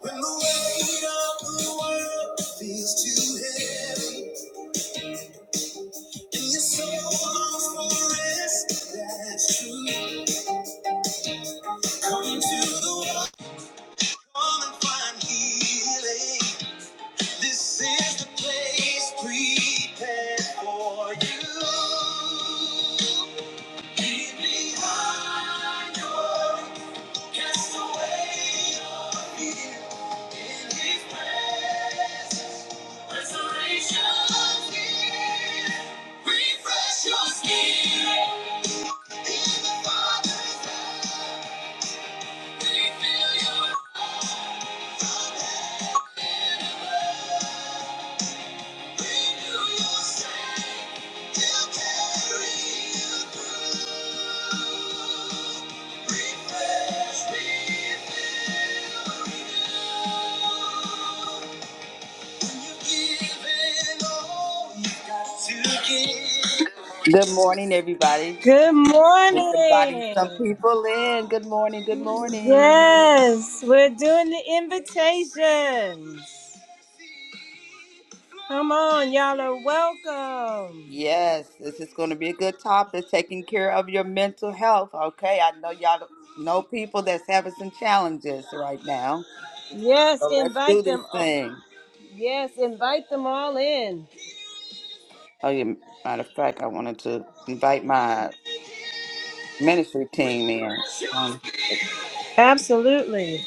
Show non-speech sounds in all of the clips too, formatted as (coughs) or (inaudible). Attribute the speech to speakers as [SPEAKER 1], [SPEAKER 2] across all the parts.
[SPEAKER 1] When the weight of the world feels too heavy, and your soul longs for rest, that's true. Come to the come and find healing. This is the place prepared for you. Leave behind your worry, cast away your fear in His presence. Refresh, refill, renew.
[SPEAKER 2] Good morning, everybody.
[SPEAKER 1] Good
[SPEAKER 2] Just inviting some
[SPEAKER 1] morning.
[SPEAKER 2] people in. Good morning. Good morning.
[SPEAKER 1] Yes, we're doing the invitations. Come on, y'all are welcome.
[SPEAKER 2] Yes, this is going to be a good topic. Taking care of your mental health. Okay, I know y'all know people that's having some challenges right now.
[SPEAKER 1] Yes,
[SPEAKER 2] So let's do
[SPEAKER 1] invite
[SPEAKER 2] this
[SPEAKER 1] them. All.
[SPEAKER 2] thing.
[SPEAKER 1] Yes, invite them all in.
[SPEAKER 2] Oh, yeah. Matter of fact, I wanted to invite my ministry team in. Um,
[SPEAKER 1] Absolutely.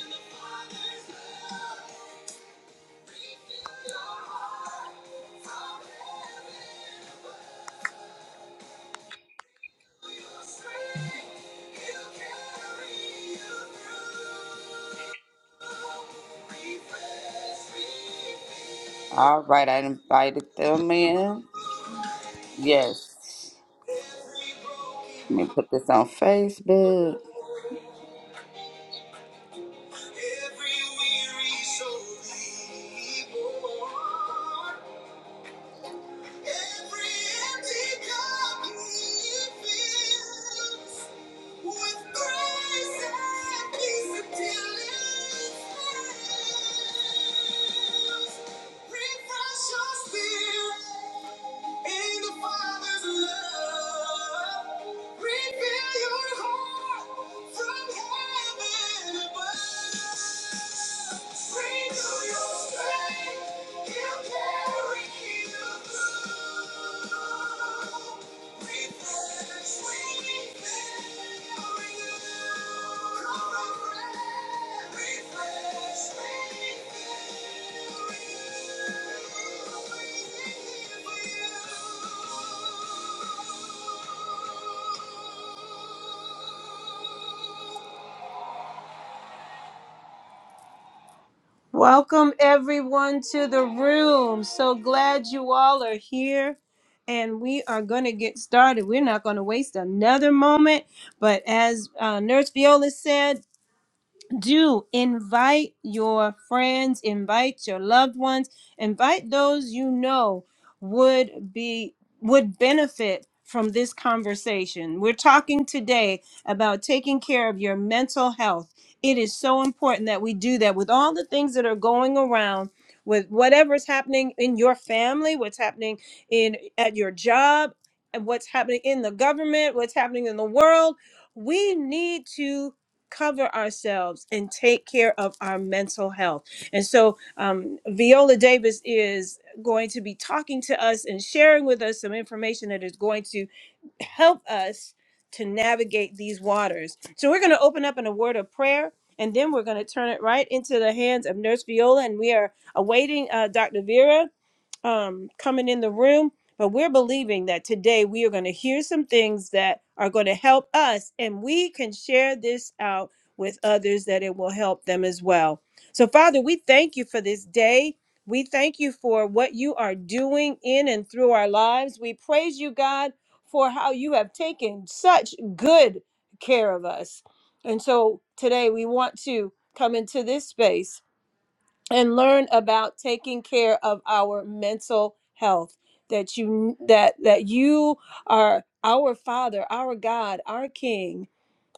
[SPEAKER 2] all right, I invited them in. Yes. Let me put this on Facebook.
[SPEAKER 1] Every weary soul be Every empty cup he fills. with grace and peace until it fails. Refresh your spirit in the Father's love. Refill your heart from heaven above. Renew your strength. He'll carry you through. Welcome everyone to the room. So glad you all are here. And we are going to get started. We're not going to waste another moment. But as uh, Nurse Viola said, do invite your friends, invite your loved ones, invite those you know would be would benefit from this conversation. We're talking today about taking care of your mental health. It is so important that we do that with all the things that are going around with whatever's happening in your family, what's happening in at your job, and what's happening in the government, what's happening in the world. We need to cover ourselves and take care of our mental health. And so, um, Viola Davis is going to be talking to us and sharing with us some information that is going to help us to navigate these waters. So, we're going to open up in a word of prayer. And then we're going to turn it right into the hands of Nurse Viola, and we are awaiting uh, Dr. Vera um, coming in the room, but we're believing that today we are going to hear some things that are going to help us and we can share this out with others that it will help them as well. So, Father, we thank you for this day. We thank you for what you are doing in and through our lives. We praise you, God, for how you have taken such good care of us. And so today we want to come into this space and learn about taking care of our mental health that you that that you are our father our god our king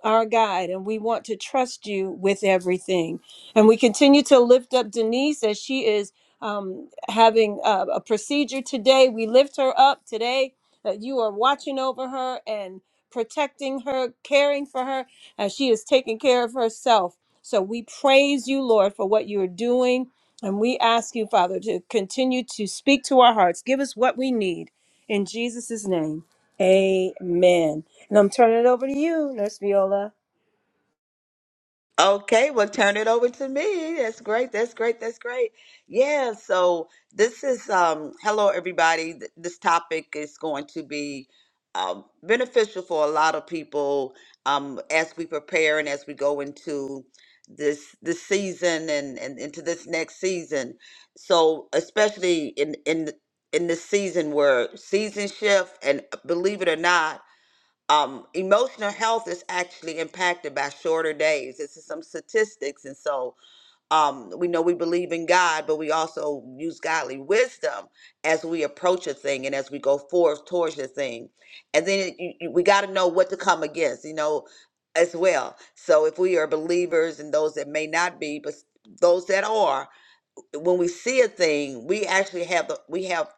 [SPEAKER 1] our guide, and we want to trust you with everything. And we continue to lift up Denise as she is um, having a, a procedure today. We lift her up today that you are watching over her and protecting her, caring for her as she is taking care of herself. So we praise you, Lord, for what you are doing. And we ask you, Father, to continue to speak to our hearts. Give us what we need. In Jesus' name, amen. And I'm turning it over to you, Nurse Viola.
[SPEAKER 2] Okay, well, turn it over to me. That's great. That's great. That's great. Yeah, so this is um hello everybody. Th- This topic is going to be um beneficial for a lot of people um as we prepare and as we go into this this season and and into this next season. So, especially in in in this season where season shift and believe it or not, um, emotional health is actually impacted by shorter days. This is some statistics, and so um, we know we believe in God, but we also use godly wisdom as we approach a thing and as we go forth towards the thing. And then it- you, you, we got to know what to come against, you know, as well. So if we are believers and those that may not be, but those that are when we see a thing, we actually have the we have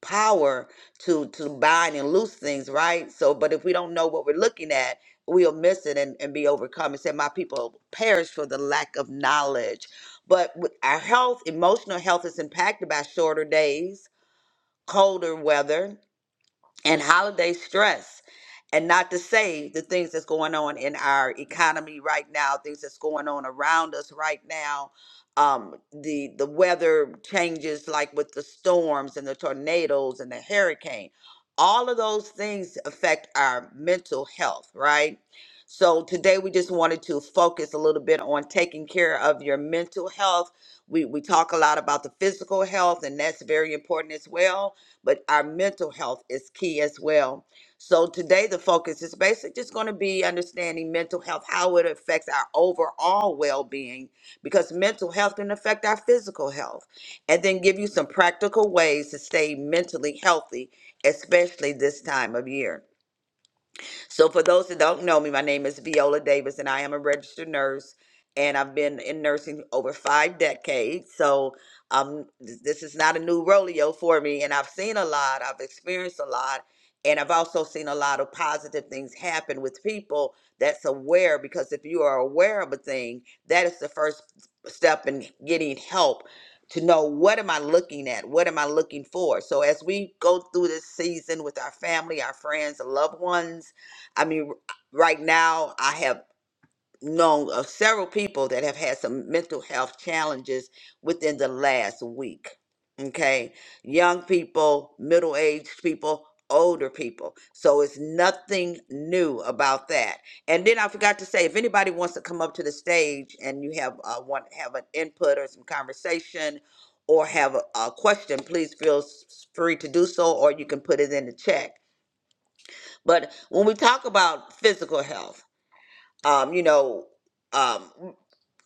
[SPEAKER 2] power to to bind and loose things, right? So, but if we don't know what we're looking at, we'll miss it and, and be overcome. It said, "My people perish for the lack of knowledge." But with our health, emotional health, is impacted by shorter days, colder weather and holiday stress and not to say the things that's going on in our economy right now things that's going on around us right now um, the the weather changes like with the storms and the tornadoes and the hurricane all of those things affect our mental health right so today we just wanted to focus a little bit on taking care of your mental health we we talk a lot about the physical health and that's very important as well but our mental health is key as well. So today the focus is basically just going to be understanding mental health, how it affects our overall well-being, because mental health can affect our physical health, and then give you some practical ways to stay mentally healthy, especially this time of year. So, for those that don't know me, my name is Viola Davis, and I am a registered nurse, and I've been in nursing over five decades. So, um, th- this is not a new rodeo for me, and I've seen a lot, I've experienced a lot, and I've also seen a lot of positive things happen with people that's aware. Because if you are aware of a thing, that is the first step in getting help to know what am I looking at? What am I looking for? So as we go through this season with our family, our friends, loved ones, I mean, r- right now I have known of several people that have had some mental health challenges within the last week. Okay, young people, middle aged people, older people. So it's nothing new about that. And then I forgot to say, if anybody wants to come up to the stage and you have uh, want have an input or some conversation. Or have a, a question, please feel s- free to do so, or you can put it in the chat. But when we talk about physical health, um, you know, um,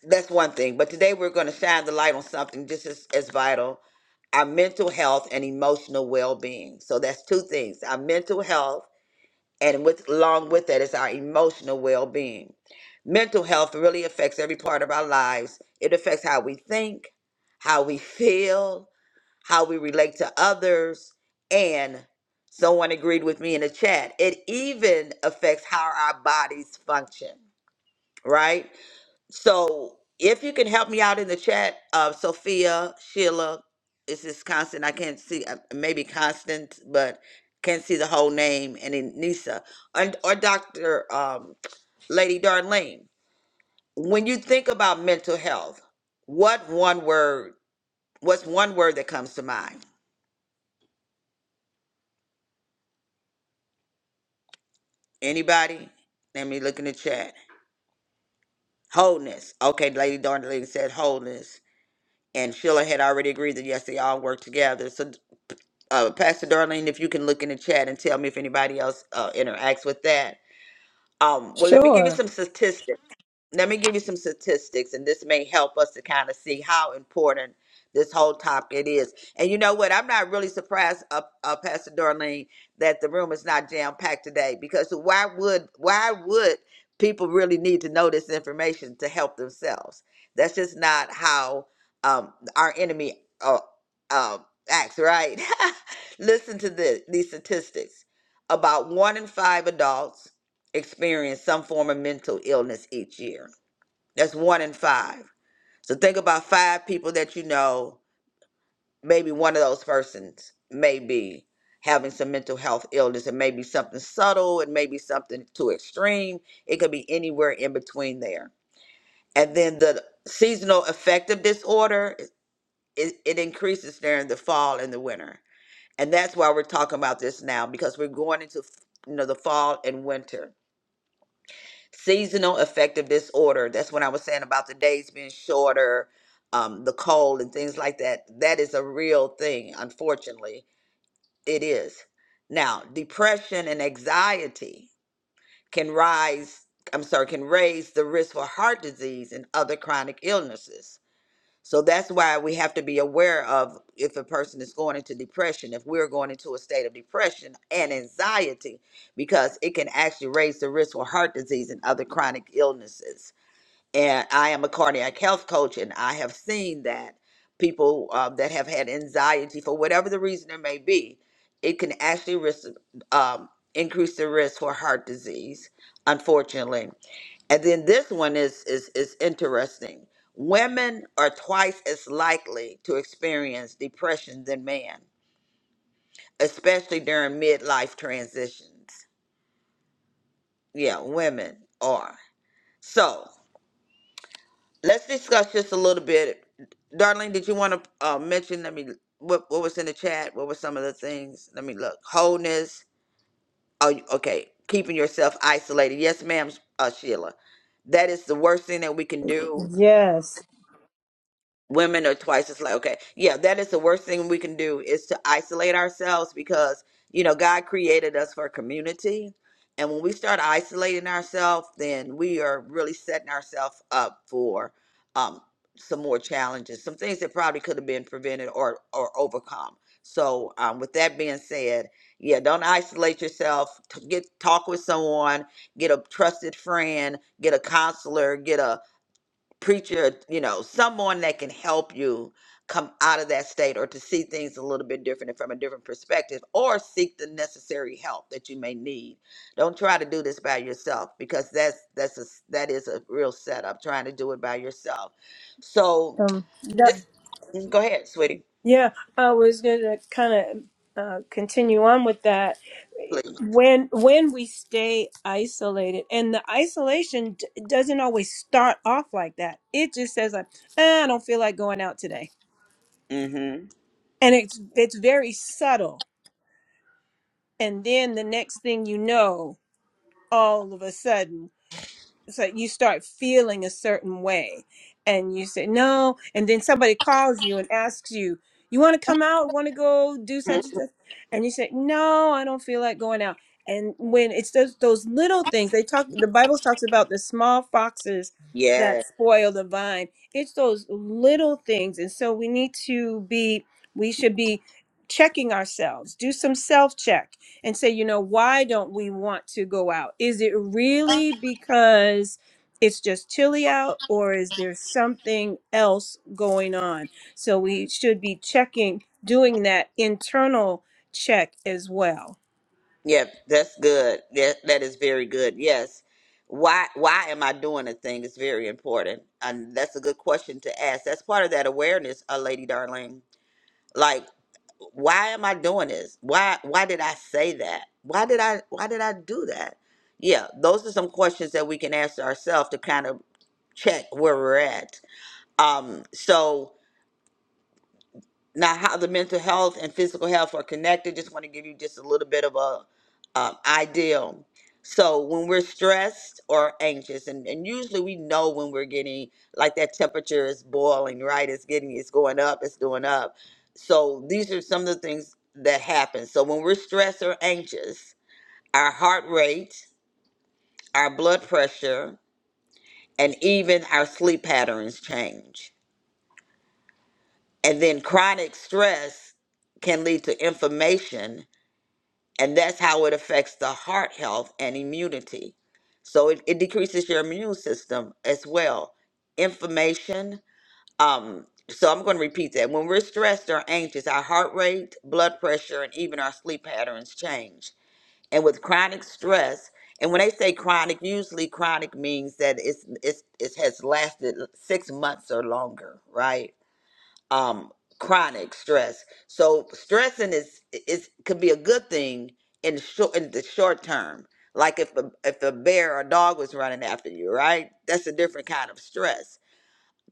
[SPEAKER 2] that's one thing. But today we're going to shine the light on something just as, as vital our mental health and emotional well being. So that's two things our mental health, and with, along with that is our emotional well being. Mental health really affects every part of our lives, it affects how we think, how we feel, how we relate to others, and someone agreed with me in the chat, it even affects how our bodies function, right? So if you can help me out in the chat, uh, Sophia, Sheila, is this Constant? I can't see, uh, maybe Constant, but can't see the whole name. And then Nisa and, or Dr. Um, Lady Darlene. When you think about mental health, what one word, what's one word that comes to mind? Anybody? Let me look in the chat. Wholeness. Okay, Lady Darlene said wholeness. And Sheila had already agreed that yes, they all work together. So uh, Pastor Darlene, if you can look in the chat and tell me if anybody else uh, interacts with that. Um, well, let me give you
[SPEAKER 1] Sure.
[SPEAKER 2] some statistics let me give you some statistics and this may help us to kind of see how important this whole topic is and you know what i'm not really surprised uh, uh, pastor darlene that the room is not jam packed today because why would why would people really need to know this information to help themselves that's just not how um, our enemy uh, uh, acts right (laughs) listen to this, these statistics about one in five adults experience some form of mental illness each year that's one in five. So think about five people that you know. Maybe one of those persons may be having some mental health illness. It may be something subtle. It may be something too extreme. It could be anywhere in between there. And then the seasonal affective disorder, it, it increases during the fall and the winter. And that's why we're talking about this now because we're going into you know the fall and winter seasonal affective disorder that's what i was saying about the days being shorter um, the cold and things like that that is a real thing unfortunately it is now depression and anxiety can rise i'm sorry can raise the risk for heart disease and other chronic illnesses so that's why we have to be aware of if a person is going into depression, if we're going into a state of depression and anxiety, because it can actually raise the risk for heart disease and other chronic illnesses. And I am a cardiac health coach, and I have seen that people uh, that have had anxiety, for whatever the reason it may be, it can actually risk, um, increase the risk for heart disease, unfortunately. And then this one is is is interesting. Women are twice as likely to experience depression than men, especially during midlife transitions. Yeah, women are. So let's discuss just a little bit. Darlene, did you want to uh, mention? Let me. What what was in the chat? What were some of the things? Let me look. Wholeness. Oh, you- okay. Keeping yourself isolated. Yes, ma'am, uh, Sheila. That is the worst thing that we can do.
[SPEAKER 1] Yes.
[SPEAKER 2] women are twice as like okay yeah that is the worst thing we can do is to isolate ourselves because you know god created us for community and when we start isolating ourselves then we are really setting ourselves up for um some more challenges some things that probably could have been prevented or or overcome so um with that being said yeah don't isolate yourself T- get talk with someone get a trusted friend get a counselor get a preacher, you know, someone that can help you come out of that state or to see things a little bit different and from a different perspective or seek the necessary help that you may need. Don't try to do this by yourself because that's that's a s- that is a real setup trying to do it by yourself. So,
[SPEAKER 1] Um,
[SPEAKER 2] mm, go ahead, sweetie,
[SPEAKER 1] yeah, I was going to kind of uh, continue on with that.
[SPEAKER 2] please.
[SPEAKER 1] When when we stay isolated, and the isolation d- doesn't always start off like that. It just says like, "Eh, I don't feel like going out today,
[SPEAKER 2] Mhm.
[SPEAKER 1] and it's it's very subtle. And then the next thing you know, all of a sudden. so you start feeling a certain way and you say no and then somebody calls you and asks you you want to come out want to go do
[SPEAKER 2] Mm,
[SPEAKER 1] such and such and you say no i don't feel like going out and when it's those, those little things they talk the bible talks about the small foxes
[SPEAKER 2] Yes.
[SPEAKER 1] that spoil the vine it's those little things and so we need to be we should be checking ourselves do some self check and say, you know, why don't we want to go out? Is it really because it's just chilly out, or is there something else going on? So we should be checking, doing that internal check as well.
[SPEAKER 2] Yep, that's good. That that is very good. Yes. Why why am I doing a thing is very important. And that's a good question to ask. That's part of that awareness, uh, Lady Darling. Like, why am I doing this? Why why did I say that? Why did I why did I do that? Yeah, those are some questions that we can ask ourselves to kind of check where we're at. Um, so now how the mental health and physical health are connected just want to give you just a little bit of a um, idea so when we're stressed or anxious and, and usually we know when we're getting like that temperature is boiling right it's getting it's going up it's going up so these are some of the things that happen so when we're stressed or anxious our heart rate our blood pressure and even our sleep patterns change and then chronic stress can lead to inflammation and that's how it affects the heart health and immunity. So it, it decreases your immune system as well. Inflammation. Um, so I'm going to repeat that. When we're stressed or anxious, our heart rate, blood pressure, and even our sleep patterns change. And with chronic stress, and when they say chronic, usually chronic means that it's, it's it has lasted six months or longer, right? um chronic stress. So stressing is is could be a good thing in short in the short term. Like if a if a bear or dog was running after you, right? That's a different kind of stress.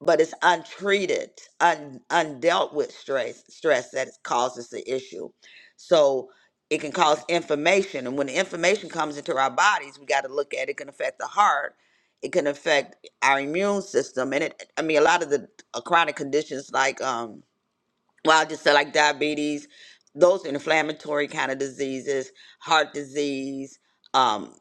[SPEAKER 2] But it's untreated, un, undealt with stress stress that causes the issue. So it can cause inflammation, and when the inflammation comes into our bodies, we got to look at it. it can affect the heart. It can affect our immune system, and it. I mean, a lot of the uh, chronic conditions like um, well, I just said like diabetes, those inflammatory kind of diseases, heart disease. Um,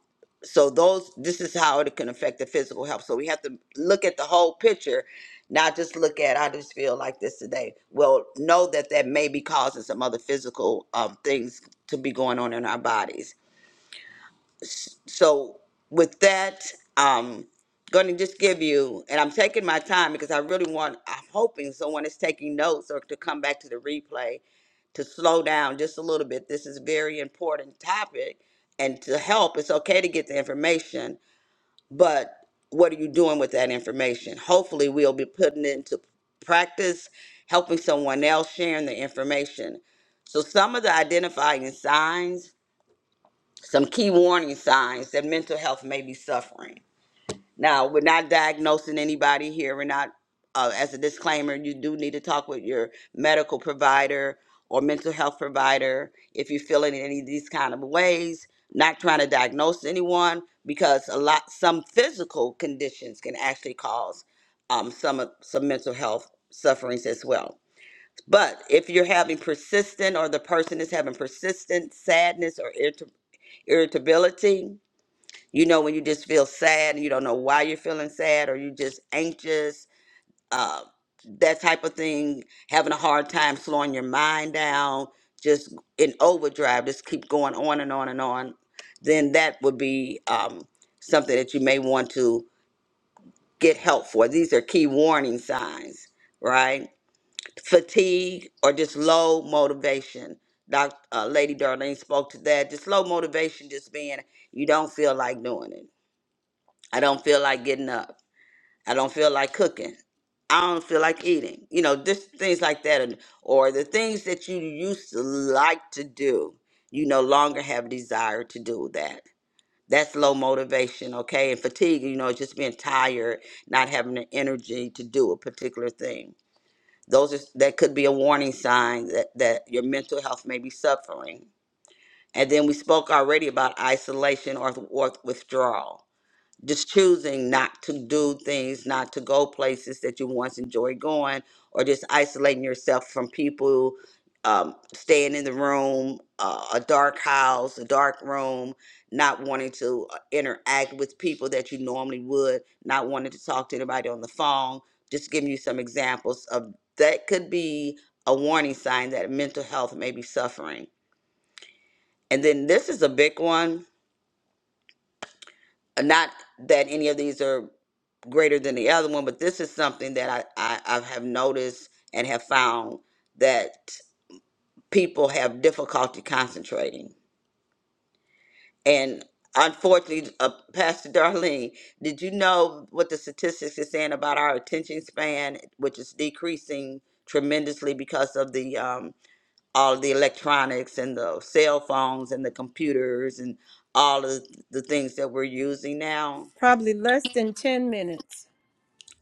[SPEAKER 2] so those, this is how it can affect the physical health. So we have to look at the whole picture, not just look at I just feel like this today. Well, know that that may be causing some other physical um, things to be going on in our bodies so with that um going to just give you and i'm taking my time because i really want i'm hoping someone is taking notes or to come back to the replay to slow down just a little bit this is a very important topic and to help it's okay to get the information but what are you doing with that information hopefully we'll be putting it into practice helping someone else sharing the information so some of the identifying signs some key warning signs that mental health may be suffering. Now, we're not diagnosing anybody here. We're not, uh, as a disclaimer, you do need to talk with your medical provider or mental health provider if you feel in any of these kind of ways. Not trying to diagnose anyone because a lot, some physical conditions can actually cause um, some of- some mental health sufferings as well. But if you're having persistent or the person is having persistent sadness or irritability irritability. You know, when you just feel sad and you don't know why you're feeling sad or you're just anxious, uh, that type of thing, having a hard time slowing your mind down, just in overdrive, just keep going on and on and on, then that would be um, something that you may want to get help for. These are key warning signs, right? fatigue or just low motivation. Doc, uh, Lady Darlene spoke to that. Just low motivation, just being you don't feel like doing it. I don't feel like getting up. I don't feel like cooking. I don't feel like eating. You know, just things like that, and, or the things that you used to like to do, you no longer have desire to do that. That's low motivation, okay? And fatigue, you know, just being tired, not having the energy to do a particular thing those are, that could be a warning sign that, that your mental health may be suffering. And then we spoke already about isolation or, or withdrawal just choosing not to do things, not to go places that you once enjoyed going, or just isolating yourself from people, um, staying in the room, uh, a dark house, a dark room, not wanting to uh, interact with people that you normally would, not wanting to talk to anybody on the phone. Just giving you some examples of that could be a warning sign that mental health may be suffering. And then this is a big one Not that any of these are greater than the other one, but this is something that I, I, I have noticed and have found that people have difficulty concentrating. And unfortunately, uh, Pastor Darlene, did you know what the statistics is saying about our attention span, which is decreasing tremendously because of the um, all of the electronics and the cell phones and the computers and all of the things that we're using now?
[SPEAKER 1] Probably less than 10 minutes.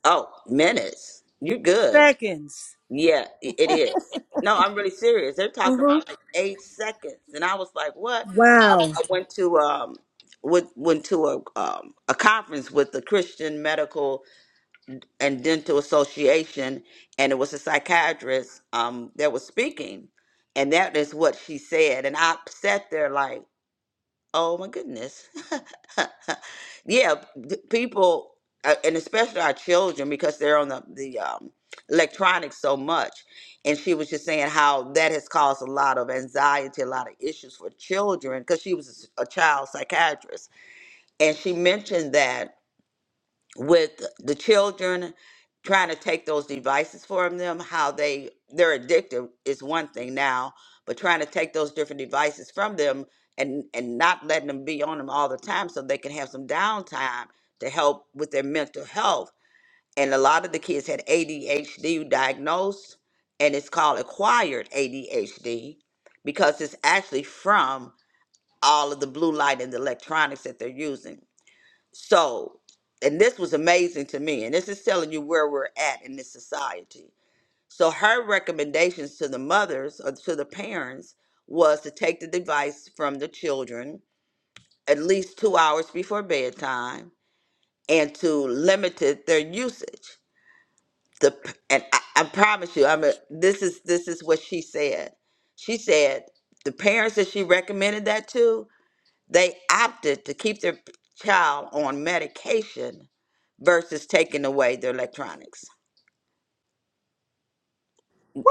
[SPEAKER 2] Oh, minutes. You're good.
[SPEAKER 1] Seconds.
[SPEAKER 2] Yeah, i- it is. No, I'm really serious. They're talking
[SPEAKER 1] hmm
[SPEAKER 2] about like eight seconds, and I was like, "What?"
[SPEAKER 1] Wow.
[SPEAKER 2] I, I went to um, with, went to a um, a conference with the Christian Medical and Dental Association, and it was a psychiatrist um that was speaking, and that is what she said, and I sat there like Oh my goodness. (laughs) yeah, d- people, uh, and especially our children, because they're on the, the um, electronics so much. And she was just saying how that has caused a lot of anxiety, a lot of issues for children, because she was a s- a child psychiatrist. And she mentioned that with the children trying to take those devices from them how they they're addicted is one thing now but trying to take those different devices from them and and not letting them be on them all the time so they can have some downtime to help with their mental health and a lot of the kids had ADHD diagnosed and it's called acquired ADHD because it's actually from all of the blue light and the electronics that they're using so, and this was amazing to me. And this is telling you where we're at in this society. So, her recommendations to the mothers or to the parents was to take the device from the children at least two hours before bedtime and to limit it- their usage. The p- and I, I promise you, I mean, this is this is what she said. She said the parents that she recommended that to they opted to keep their child on medication versus taking away their electronics.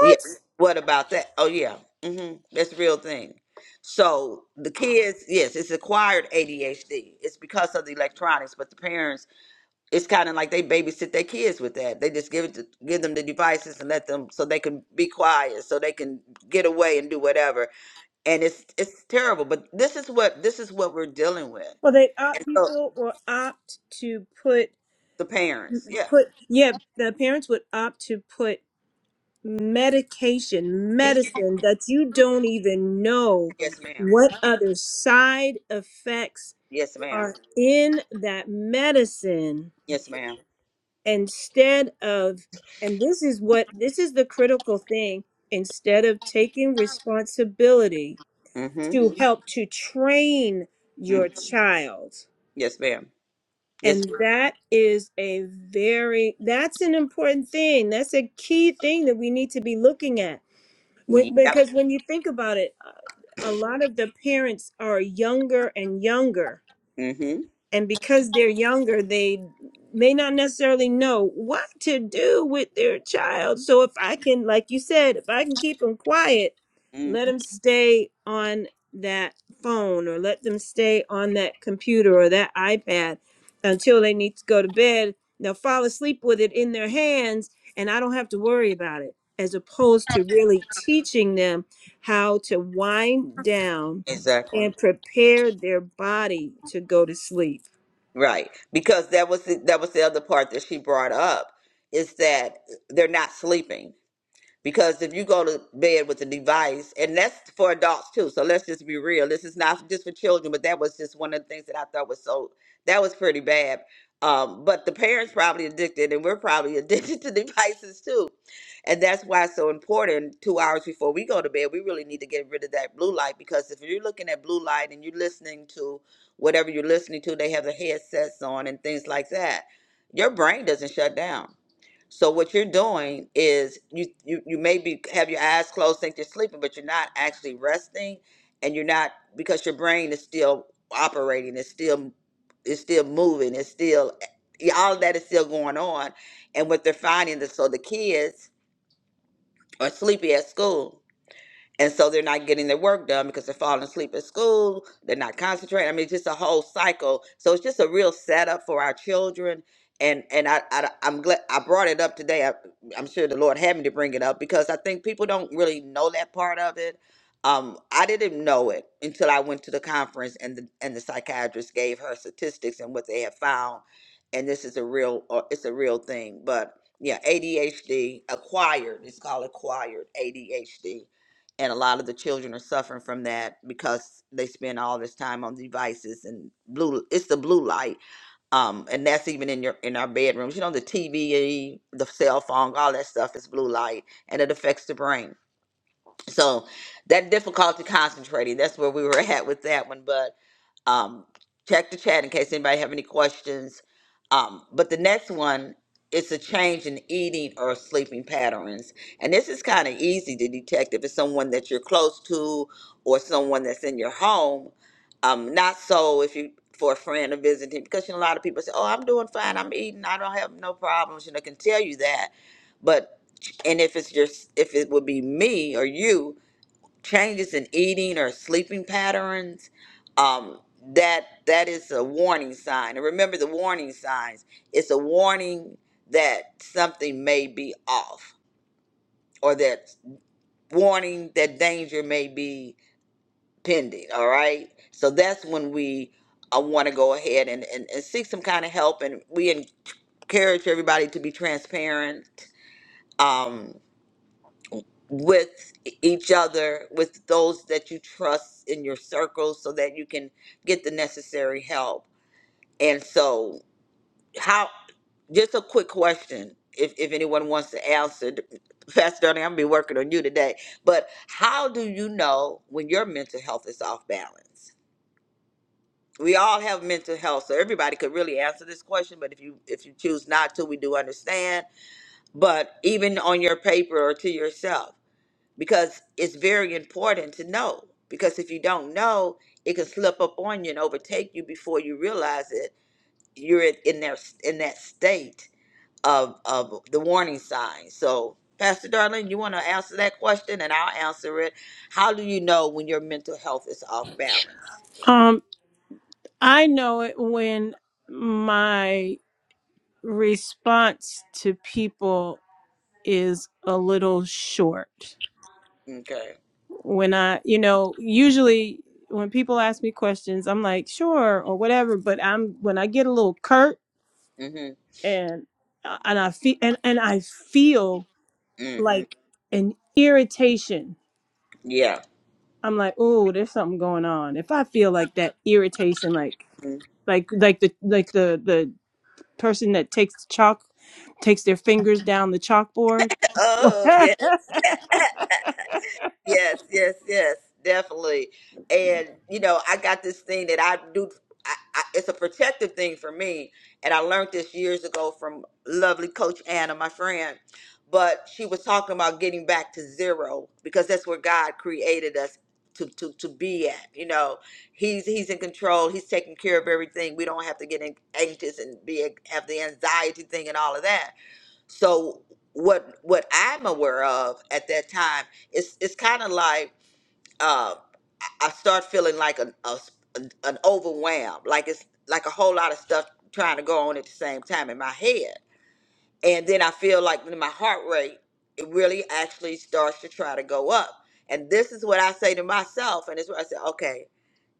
[SPEAKER 2] Yeah. What about that? Oh yeah. Mhm. That's a real thing. So the kids, yes, it's acquired ADHD. It's because of the electronics, but the parents, it's kind of like they babysit their kids with that. They just give it to, give them the devices and let them so they can be quiet, so they can get away and do whatever. And it's it's terrible. But this is what this is what we're dealing with.
[SPEAKER 1] Well, they
[SPEAKER 2] And
[SPEAKER 1] opt
[SPEAKER 2] so
[SPEAKER 1] people will opt to put
[SPEAKER 2] the parents, yeah.
[SPEAKER 1] put yeah. The parents would opt to put medication,
[SPEAKER 2] Yes,
[SPEAKER 1] medicine that you don't even know
[SPEAKER 2] yes, ma'am.
[SPEAKER 1] what other side effects
[SPEAKER 2] Yes, ma'am.
[SPEAKER 1] are in that medicine
[SPEAKER 2] Yes, madam
[SPEAKER 1] instead of, and this is what, this is the critical thing, instead of taking responsibility
[SPEAKER 2] Mm-hmm.
[SPEAKER 1] to help to train
[SPEAKER 2] mm-hmm.
[SPEAKER 1] your child.
[SPEAKER 2] Yes, madam mm hmm mm Yes.
[SPEAKER 1] And that is a very, that's an important thing. That's a key thing that we need to be looking at
[SPEAKER 2] ma'am.
[SPEAKER 1] When,
[SPEAKER 2] Yep.
[SPEAKER 1] because when you think about it, uh, a lot of the parents are younger and younger
[SPEAKER 2] Mm-hmm.
[SPEAKER 1] and because they're younger they may not necessarily know what to do with their child so if i can like you said if i can keep them quiet let
[SPEAKER 2] Mm-hmm.
[SPEAKER 1] them stay on that phone or let them stay on that computer or that ipad until they need to go to bed they'll fall asleep with it in their hands and i don't have to worry about it as opposed to really teaching them how to wind down and
[SPEAKER 2] Exactly.
[SPEAKER 1] prepare their body to go to sleep
[SPEAKER 2] Right. Because that was the, that was the other part that she brought up is that they're not sleeping. Because if you go to bed with a device, and that's for adults too, so let's just be real. This is not just for children, but that was just one of the things that I thought was so, that was pretty bad. Um, but the parents probably addicted, and we're probably (laughs) addicted to devices too. And that's why it's so important. Two hours before we go to bed, we really need to get rid of that blue light because if you're looking at blue light and you're listening to whatever you're listening to, they have the headsets on and things like that. Your brain doesn't shut down so what you're doing is you you you maybe have your eyes closed, think you're sleeping, but you're not actually resting, and you're not because your brain is still operating, it's still it's still moving, it's still yeah, all of that is still going on. And what they're finding is so the kids are sleepy at school and so they're not getting their work done because they're falling asleep at school. They're not concentrating. I mean, it's just a whole cycle. So it's just a real setup for our children. And and I, I am glad I brought it up today. I, I'm sure the Lord had me to bring it up because I think people don't really know that part of it. Um, I didn't know it until I went to the conference and the and the psychiatrist gave her statistics and what they have found. And this is a real uh, it's a real thing. But yeah, ADHD acquired. It's called acquired ADHD and a lot of the children are suffering from that because they spend all this time on devices and blue it's the blue light um and that's even in your in our bedrooms you know the tv the cell phone all that stuff is blue light and it affects the brain so that difficulty concentrating, that's where we were (laughs) at with that one. But um, check the chat in case anybody have any questions. Um, but the next one is a change in eating or sleeping patterns. And this is kind of easy to detect if it's someone that you're close to or someone that's in your home. Um, not so if you for a friend or visiting, because you know, a lot of people say, Oh, I'm doing fine, I'm eating, I don't have no problems, you know, can tell you that. But and if it's your if it would be me or you, changes in eating or sleeping patterns, um, that that is a warning sign. And remember the warning signs. It's a warning that something may be off, or that warning that danger may be pending. All right. So that's when we uh, want to go ahead and, and, and seek some kind of help. And we encourage everybody to be transparent. Um, with e- each other, with those that you trust in your circle, so that you can get the necessary help. And so, how? Just a quick question, if if anyone wants to answer, Pastor Donnie, I'm gonna be working on you today. But how do you know when your mental health is off balance? We all have mental health, so everybody could really answer this question. But if you if you choose not to, we do understand. But even on your paper or to yourself because it's very important to know. Because if you don't know, it can slip up on you and overtake you before you realize it. You're in in there in that state of of the warning sign. So, Pastor Darling, you want to answer that question, and I'll answer it. How do you know when your mental health is off balance?
[SPEAKER 1] Um, I know it when my response to people is a little short.
[SPEAKER 2] Okay.
[SPEAKER 1] When I, you know, usually when people ask me questions, I'm like, sure or whatever. But I'm when I get a little curt
[SPEAKER 2] Mhm.
[SPEAKER 1] and uh, and I feel and and I feel
[SPEAKER 2] Mhm.
[SPEAKER 1] like an irritation.
[SPEAKER 2] Yeah.
[SPEAKER 1] I'm like, oh, there's something going on. If I feel like that irritation, like
[SPEAKER 2] Mhm.
[SPEAKER 1] like like the like the the person that takes the chalk, takes their fingers down the chalkboard.
[SPEAKER 2] Oh yeah.
[SPEAKER 1] (laughs)
[SPEAKER 2] Yes, yes, yes, definitely. And you know, I got this thing that I do. I, I, it's a protective thing for me, and I learned this years ago from lovely Coach Anna, my friend. But she was talking about getting back to zero because that's where God created us to to to be at. You know, He's He's in control. He's taking care of everything. We don't have to get an- anxious and be have the anxiety thing and all of that so what what I'm aware of at that time is it's kind of like uh, I start feeling like an a, an overwhelm, like it's like a whole lot of stuff trying to go on at the same time in my head, and then I feel like my heart rate it really actually starts to try to go up, and this is what I say to myself, and it's where I say, okay,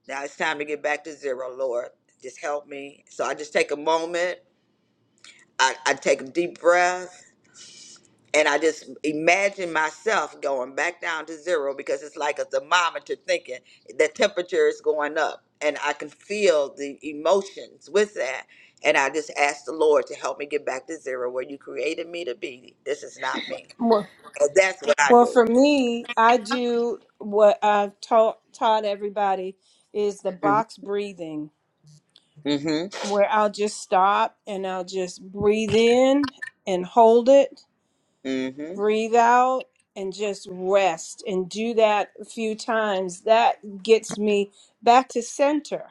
[SPEAKER 2] now it's time to get back to zero, Lord, just help me. So I just take a moment, I, I take a deep breath And I just imagine myself going back down to zero because it's like a thermometer thinking the temperature is going up. And I can feel the emotions with that. And I just ask the Lord to help me get back to zero where you created me to be. This is not me. And that's what I
[SPEAKER 1] Well, for
[SPEAKER 2] do.
[SPEAKER 1] me, I do what I've taught taught everybody is the
[SPEAKER 2] Mm-hmm.
[SPEAKER 1] box breathing, where I'll just stop and I'll just breathe in and hold it
[SPEAKER 2] Mm-hmm.
[SPEAKER 1] breathe out and just rest and do that a few times that gets me back to center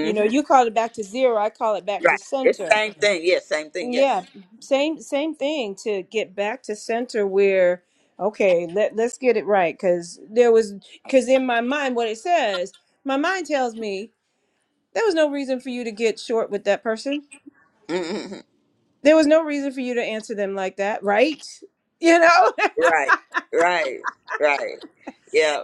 [SPEAKER 1] you know you call it back to zero i call it back to
[SPEAKER 2] Right. It's
[SPEAKER 1] center
[SPEAKER 2] same thing. Yes, same thing. Yes.
[SPEAKER 1] yeah same same thing to get back to center where okay let, let's get it right because there was because in my mind what it says my mind tells me there was no reason for you to get short with that person
[SPEAKER 2] Mm-hmm.
[SPEAKER 1] there was no reason for you to answer them like that right (laughs) you know
[SPEAKER 2] Right. Right. Right. Yeah.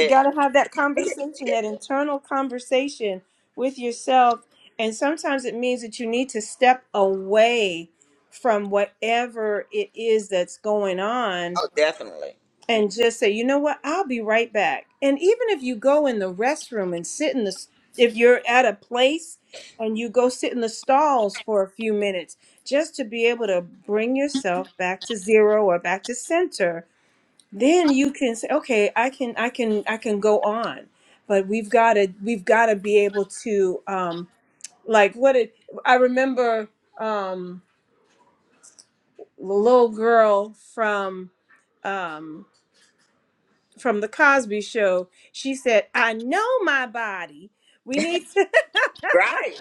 [SPEAKER 1] You got to have that conversation, that internal conversation with yourself. And sometimes it means that you need to step away from whatever it is that's going on
[SPEAKER 2] oh, definitely.
[SPEAKER 1] and just say, you know what, I'll be right back. And even if you go in the restroom and sit in the, s- if you're at a place and you go sit in the stalls for a few minutes, just to be able to bring yourself back to zero or back to center then you can say okay i can i can i can go on but we've got to we've got to be able to um like what it i remember um the little girl from um from the cosby show she said i know my body we need to
[SPEAKER 2] Right,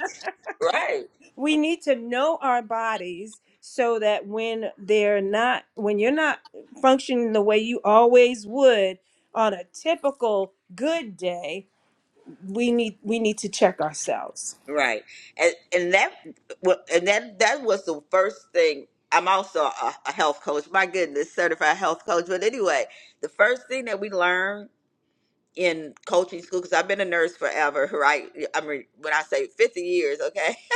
[SPEAKER 2] right,
[SPEAKER 1] (laughs) we need to know our bodies so that when they're not when you're not functioning the way you always would on a typical good day we need we need to check ourselves.
[SPEAKER 2] right, and and that wa- and that that was the first thing. I'm also a, a health coach. My goodness, certified health coach. But anyway, the first thing that we learned in coaching school, because I've been a nurse forever, (laughs) right? I mean, when I say 50 years, okay. (laughs)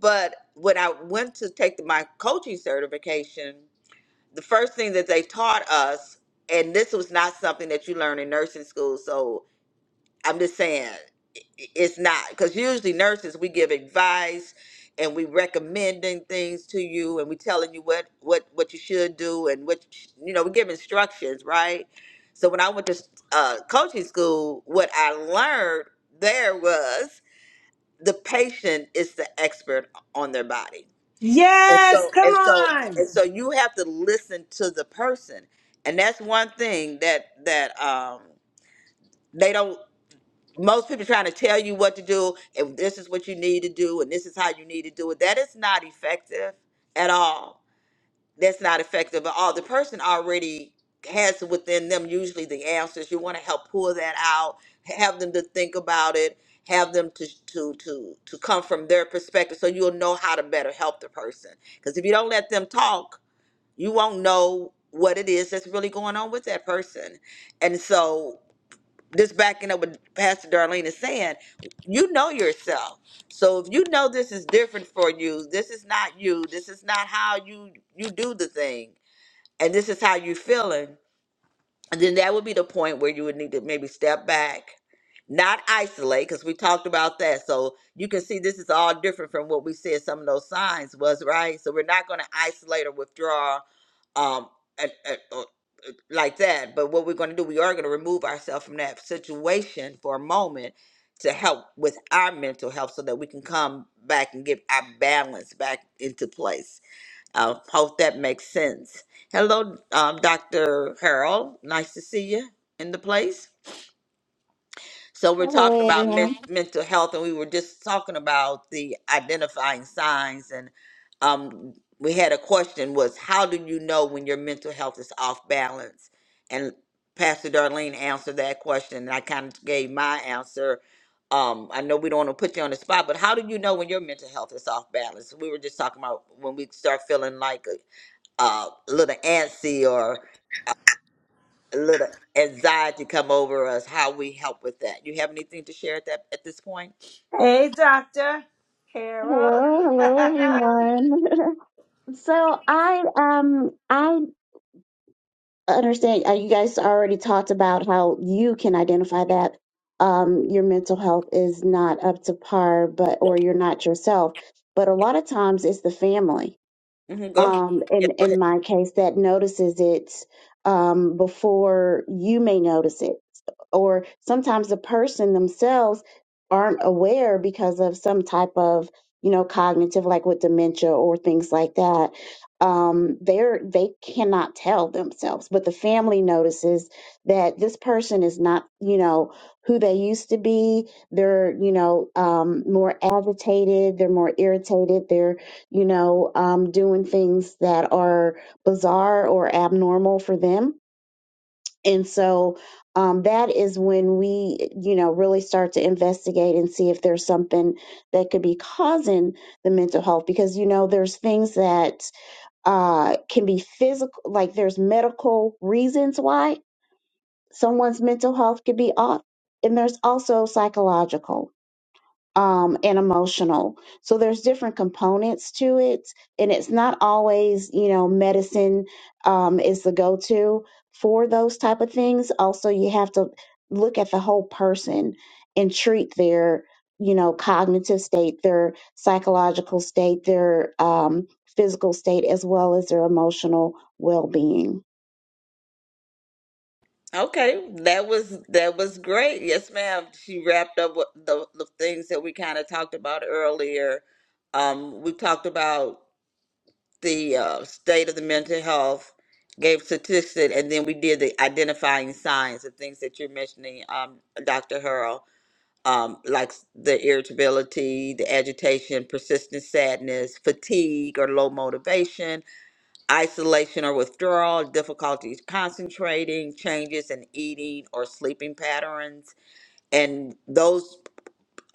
[SPEAKER 2] But when I went to take my coaching certification, the first thing that they taught us, and this was not something that you learn in nursing school, so I'm just saying i- i- it's not because usually nurses we give advice and we recommending things to you and we telling you what what what you should do and what you sh- you know we give instructions right. So when I went to uh, coaching school, what I learned there was the patient is the expert on their body, and
[SPEAKER 1] Yes,
[SPEAKER 2] so
[SPEAKER 1] come
[SPEAKER 2] and so
[SPEAKER 1] on.
[SPEAKER 2] and so you have to listen to the person, and that's one thing that that um, they don't most people trying to tell you what to do and this is what you need to do and this is how you need to do it that is not effective at all that's not effective at all the person already has within them usually the answers you want to help pull that out have them to think about it have them to to to to come from their perspective so you'll know how to better help the person because if you don't let them talk you won't know what it is that's really going on with that person and so this backing up what Pastor Darlene is saying, you know yourself. So if you know this is different for you, this is not you, this is not how you you do the thing, and this is how you feeling, and then that would be the point where you would need to maybe step back, not isolate, because we talked about that. So you can see this is all different from what we said some of those signs was, right? So we're not going to isolate or withdraw um, like that. But what we're going to do, we are going to remove ourselves from that situation for a moment to help with our mental health so that we can come back and get our balance back into place. I hope that makes sense. Hello, um, Dr. Harold. Nice to see you in the place. So we're talking
[SPEAKER 3] Hello,
[SPEAKER 2] about men-
[SPEAKER 3] everyone.
[SPEAKER 2] Mhm. mental health, and we were just talking about the identifying signs, and um, we had a question was how do you know when your mental health is off balance? And Pastor Darlene answered that question, and I kind of gave my answer. Um, I know we don't want to put you on the spot, but how do you know when your mental health is off balance? We were just talking about when we start feeling like a, uh, a little antsy, a little anxiety come over us, how we help with that. You have anything to share at that at this point?
[SPEAKER 1] Hey, Dr. Carol.
[SPEAKER 3] Hello, hello,
[SPEAKER 1] (laughs)
[SPEAKER 3] everyone. (laughs) so I um I understand uh, you guys already talked about how you can identify that um your mental health is not up to par, but or you're not yourself. But a lot of times it's the family.
[SPEAKER 2] hmm go ahead.
[SPEAKER 3] um,
[SPEAKER 2] Yeah.
[SPEAKER 3] in in my case that notices it um, before you may notice it, or sometimes the person themselves aren't aware because of some type of you know cognitive like with dementia or things like that um they're they cannot tell themselves but the family notices that this person is not you know who they used to be they're you know um more agitated they're more irritated they're you know, um, doing things that are bizarre or abnormal for them. And so um, that is when we, you know, really start to investigate and see if there's something that could be causing the mental health. Because, you know, there's things that uh, can be physical, like there's medical reasons why someone's mental health could be off, and there's also psychological um, and emotional. So there's different components to it, and it's not always you know medicine um, is the go-to for those type of things. Also, you have to look at the whole person and treat their you know cognitive state, their psychological state, their um, physical state, as well as their emotional well-being.
[SPEAKER 2] Okay, that was that was great. Yes, ma'am. She wrapped up what the the things that we kind of talked about earlier. Um, we talked about the uh, state of the mental health, gave statistics, and then we did the identifying signs, the things that you're mentioning, um, Dr. Hurl. um, like s- the irritability, the agitation, persistent sadness, fatigue or low motivation, isolation or withdrawal, difficulties concentrating, changes in eating or sleeping patterns. And those,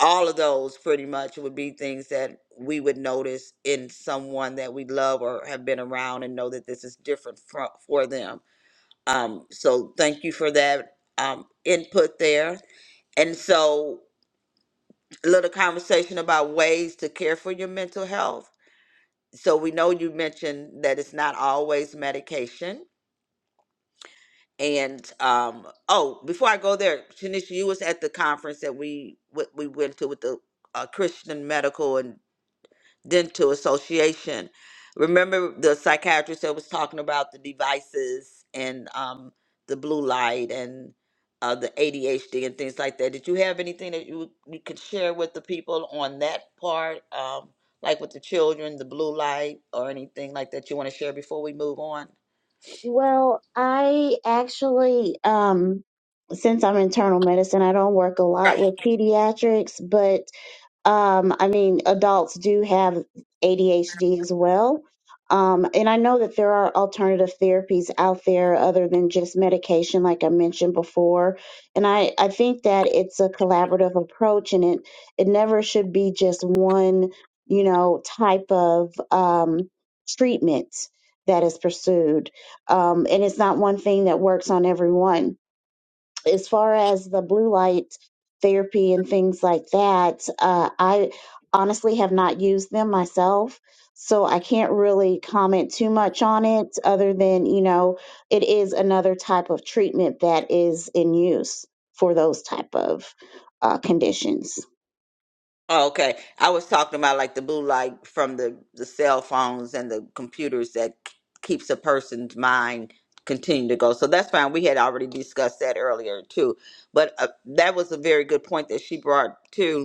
[SPEAKER 2] all of those pretty much would be things that we would notice in someone that we love or have been around and know that this is different for, for them. Um, so thank you for that um, input there. And so little conversation about ways to care for your mental health. So we know you mentioned that it's not always medication. And um, oh, before I go there, Tanisha, you was at the conference that we we we went to with the uh, Christian Medical and dental association remember the psychiatrist that was talking about the devices and um, the blue light and uh, the adhd and things like that did you have anything that you, you could share with the people on that part um, like with the children the blue light or anything like that you want to share before we move on
[SPEAKER 3] Well, I actually, um, since I'm internal medicine, I don't work a lot
[SPEAKER 2] Right.
[SPEAKER 3] with pediatrics, but um, I mean, adults do have ADHD as well. Um, and I know that there are alternative therapies out there other than just medication, like I mentioned before. And I, I think that it's a collaborative approach and it, it never should be just one, you know, type of um, treatment that is pursued. Um, and it's not one thing that works on everyone as far as the blue light therapy and things like that, uh, I honestly have not used them myself. So I can't really comment too much on it other than, you know, it is another type of treatment that is in use for those type of uh, conditions.
[SPEAKER 2] Oh, okay. I was talking about like the blue light from the the cell phones and the computers that k- keeps a person's mind continue to go. So that's fine. We had already discussed that earlier too. But uh, that was a very good point that she brought too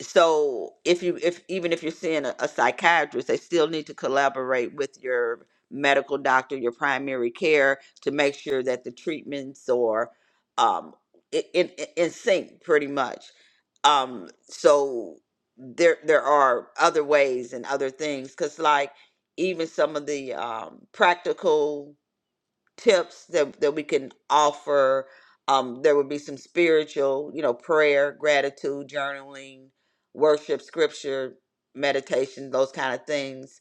[SPEAKER 2] so if you if even if you're seeing a, a psychiatrist they still need to collaborate with your medical doctor your primary care to make sure that the treatments are um i- in in, in sync pretty much um so there there are other ways and other things because like even some of the um practical tips that, that we can offer. Um, there would be some spiritual, you know, prayer, gratitude, journaling, worship, scripture, meditation, those kind of things.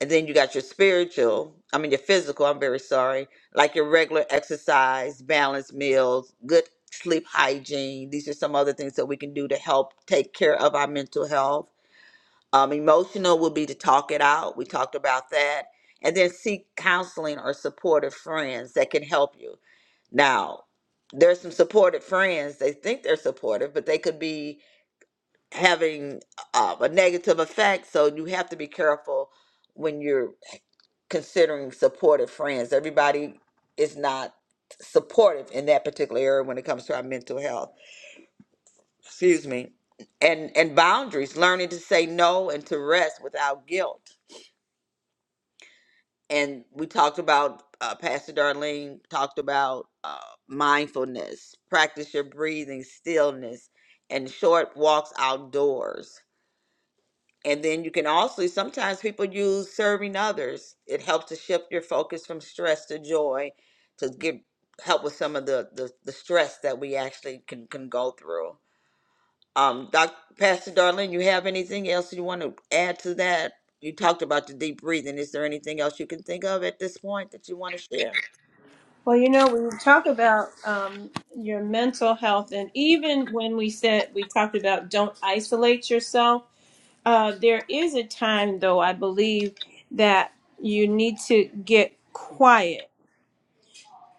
[SPEAKER 2] And then you got your spiritual, I mean, your physical, I'm very sorry, like your regular exercise, balanced meals, good sleep hygiene. These are some other things that we can do to help take care of our mental health um, emotional would be to talk it out. We talked about that. And then seek counseling or supportive friends that can help you. Now, there's some supportive friends. They think they're supportive, but they could be having uh, a negative effect. So you have to be careful when you're considering supportive friends. Everybody is not supportive in that particular area when it comes to our mental health. Excuse me. And and boundaries, learning to say no and to rest without guilt and we talked about uh, pastor darlene talked about uh, mindfulness practice your breathing stillness and short walks outdoors and then you can also sometimes people use serving others it helps to shift your focus from stress to joy to get help with some of the the, the stress that we actually can can go through um, Doc, Pastor Darlene, you have anything else you want to add to that? You talked about the deep breathing. Is there anything else you can think of at this point that you want to share?
[SPEAKER 1] well, you know, when we talk about um, your mental health, and even when we said we talked about don't isolate yourself, Uh, there is a time, though, I believe that you need to get quiet,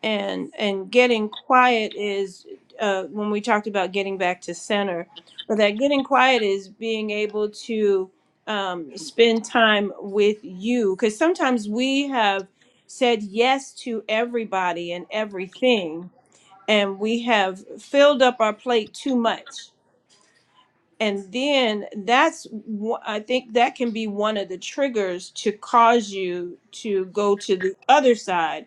[SPEAKER 1] and and getting quiet is uh, when we talked about getting back to center. But that getting quiet is being able to um, spend time with you, because sometimes we have said yes to everybody and everything, and we have filled up our plate too much and then that's i think that can be one of the triggers to cause you to go to the other side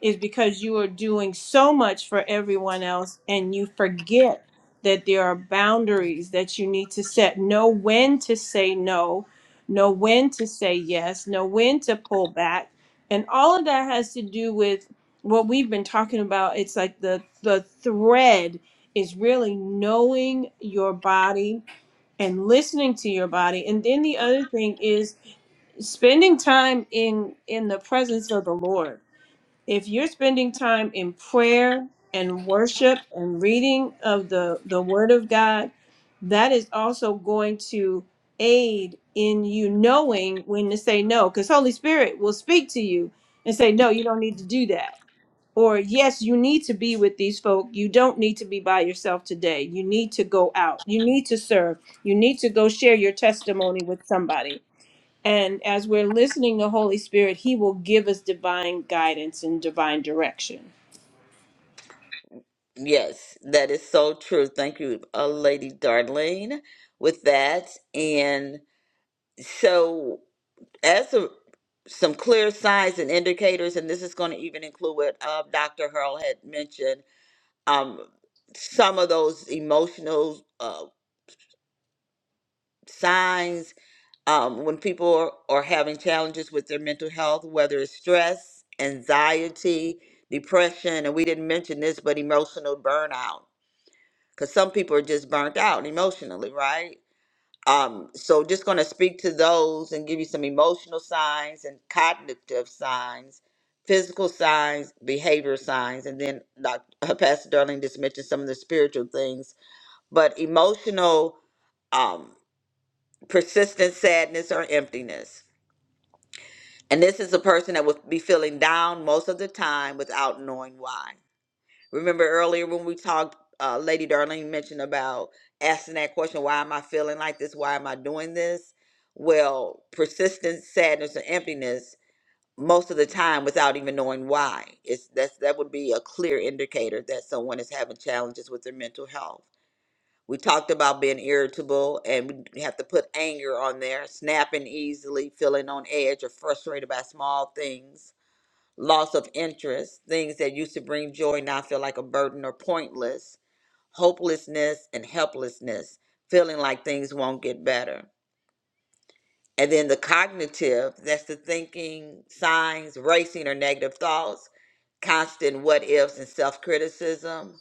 [SPEAKER 1] is because you are doing so much for everyone else and you forget that there are boundaries that you need to set know when to say no know when to say yes know when to pull back and all of that has to do with what we've been talking about it's like the the thread is really knowing your body and listening to your body and then the other thing is spending time in in the presence of the lord if you're spending time in prayer and worship and reading of the the word of god that is also going to aid in you knowing when to say no because holy spirit will speak to you and say no you don't need to do that or yes you need to be with these folk you don't need to be by yourself today you need to go out you need to serve you need to go share your testimony with somebody and as we're listening to holy spirit he will give us divine guidance and divine direction
[SPEAKER 2] Yes, that is so true. Thank you, uh, Lady Darlene, with that. And so, as a, some clear signs and indicators, and this is going to even include what uh, Dr. Hurl had mentioned, um, some of those emotional uh, signs um, when people are, are having challenges with their mental health, whether it's stress, anxiety, depression, and we didn't mention this, but emotional burnout, because some people are just burnt out emotionally, right? Um, so just going to speak to those and give you some emotional signs and cognitive signs, physical signs, behavior signs, and then Dr. (laughs) Pastor Darling just mentioned some of the spiritual things, but emotional um, persistent sadness or emptiness And this is a person that will be feeling down most of the time without knowing why. Remember earlier when we talked, uh, Lady Darlene mentioned about asking that question, why am I feeling like this? Why am I doing this? Well, persistent sadness and emptiness most of the time without even knowing why. It's that's that would be a clear indicator that someone is having challenges with their mental health we talked about being irritable and we have to put anger on there, snapping easily, feeling on edge or frustrated by small things, loss of interest, things that used to bring joy now feel like a burden or pointless, hopelessness and helplessness, feeling like things won't get better. And then the cognitive, that's the thinking, signs, racing or negative thoughts, constant what ifs and self criticism,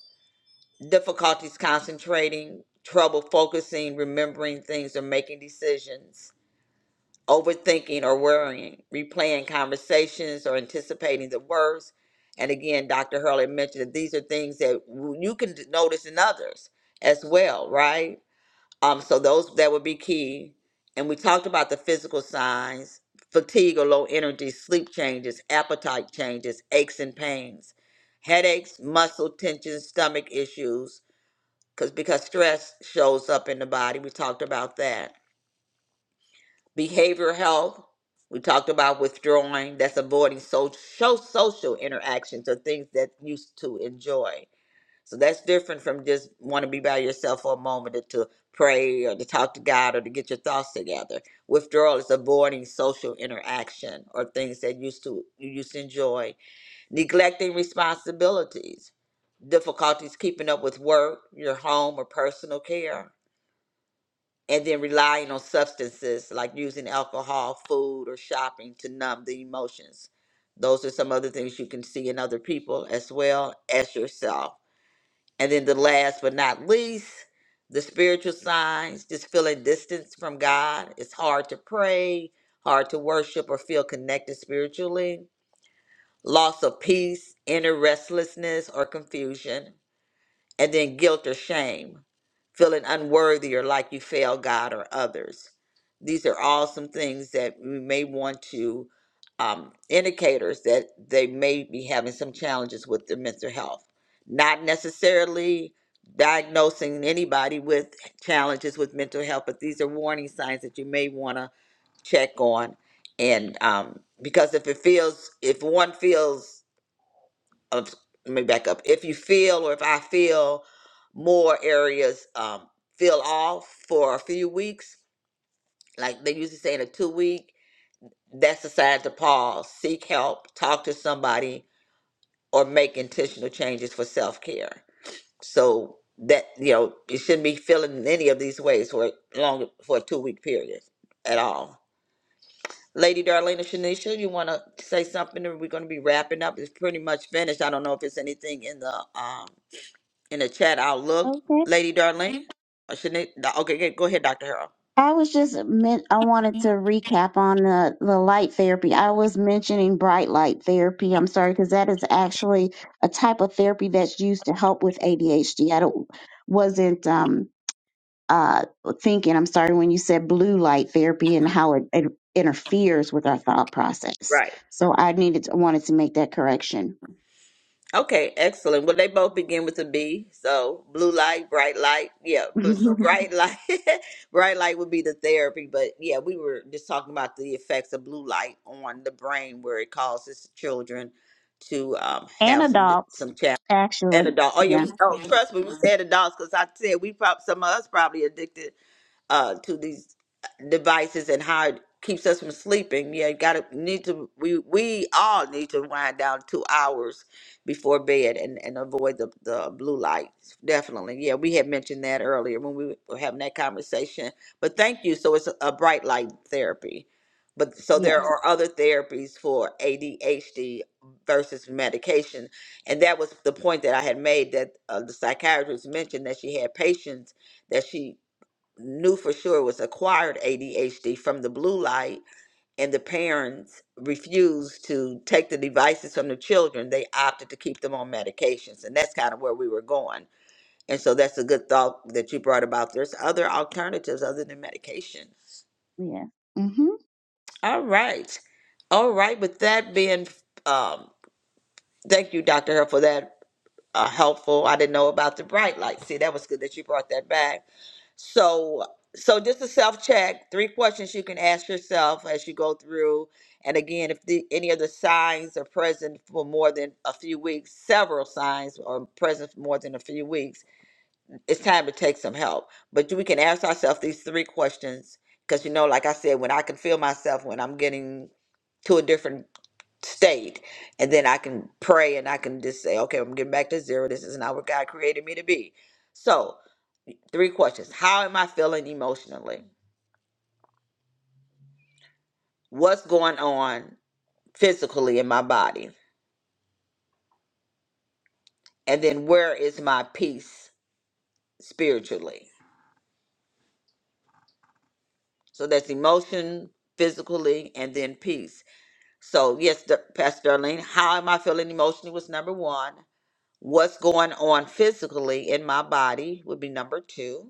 [SPEAKER 2] difficulties concentrating, trouble focusing, remembering things or making decisions, overthinking or worrying, replaying conversations or anticipating the worst. And again, Dr. Hurley mentioned that these are things that w- you can d- notice in others as well, right? Um, so those that would be key. And we talked about the physical signs, fatigue or low energy, sleep changes, appetite changes, aches and pains, headaches, muscle tension, stomach issues, because because stress shows up in the body. We talked about that. Behavioral health. We talked about withdrawing. That's avoiding so show social interactions or things that you used to enjoy. So that's different from just want to be by yourself for a moment or to pray or to talk to God or to get your thoughts together. Withdrawal is avoiding social interaction or things that used to you used to enjoy. Neglecting responsibilities, difficulties keeping up with work, your home, or personal care and then relying on substances like using alcohol, food, or shopping to numb the emotions. Those are some other things you can see in other people as well as yourself. And then the last but not least, the spiritual signs, just feeling distance from God. It's hard to pray, hard to worship, or feel connected spiritually. Loss of peace, inner restlessness, or confusion and then guilt or shame, feeling unworthy or like you fail God or others. These are all some things that we may want to um, indicators that they may be having some challenges with their mental health. Not necessarily diagnosing anybody with challenges with mental health, but these are warning signs that you may want to check on. And um, because if it feels, if one feels of let me back up. If you feel or if I feel more areas um, feel off for a few weeks, like they usually say in a two week, that's a sign to pause, seek help, talk to somebody, or make intentional changes for self care. So that you know you shouldn't be feeling in any of these ways for long for a two week period at all. Lady Darlena Shanisha, you want to say something? Or we're going to be wrapping up. It's pretty much finished. I don't know if it's anything in the um in the chat. I'll look,
[SPEAKER 3] Okay.
[SPEAKER 2] Lady Darlene. Or Shani- no, okay, go go ahead, Dr. Harold.
[SPEAKER 3] I was just meant. I wanted to recap on the, the light therapy. I was mentioning bright light therapy. I'm sorry because that is actually a type of therapy that's used to help with ADHD. I don't wasn't um uh thinking. I'm sorry when you said blue light therapy and how it, it interferes with our thought process.
[SPEAKER 2] Right.
[SPEAKER 3] So I needed to, wanted to make that correction.
[SPEAKER 2] Okay, excellent. Well, they both begin with a B. So blue light, bright light. Yeah,
[SPEAKER 3] (laughs)
[SPEAKER 2] but so Mhm.
[SPEAKER 3] and
[SPEAKER 2] bright light, (laughs) bright light would be the therapy. But yeah, we were just talking about the effects of blue light on the brain, where it causes children to um, have some di-
[SPEAKER 3] adults
[SPEAKER 2] some challenges.
[SPEAKER 3] actually,
[SPEAKER 2] And adult. Oh yeah. we-
[SPEAKER 3] yeah,
[SPEAKER 2] Oh, Mhm. trust me, we said adults because I said we probably some of us probably addicted uh, to these devices and how it keeps us from sleeping. Yeah, got to need to. We we all need to wind down two hours before bed and and avoid the the blue light. Definitely. Yeah, we had mentioned that earlier when we were having that conversation. But thank you. So it's a bright light therapy. But so
[SPEAKER 3] yes,
[SPEAKER 2] there Mhm. are other therapies for ADHD versus medication, and that was the point that I had made that uh, the psychiatrist mentioned that she had patients that she knew for sure was acquired ADHD from the blue light, and the parents refused to take the devices from the children. They opted to keep them on medications, and that's kind of where we were going. And so that's a good thought that you brought about. There's other alternatives other than medication.
[SPEAKER 3] yeah. hmm
[SPEAKER 2] All right. All right. With that being, um, thank you, Dr. Herr, for that uh, helpful. I didn't know about the bright light. See, that was good that you brought that back. So, so just a self check. Three questions you can ask yourself as you go through. And again, if the, any of the signs are present for more than a few weeks, several signs are present for more than a few weeks, it's time to take some help. But we can ask ourselves these three questions because you know, like I said, when I can feel myself when I'm getting to a different state and then i can pray and i can just say okay i'm getting back to zero this is not what god created me to be so three questions how am i feeling emotionally what's going on physically in my body and then where is my peace spiritually so that's emotion physically and then peace so yes Dar- pastor darlene how am i feeling emotionally was number one what's going on physically in my body would be number two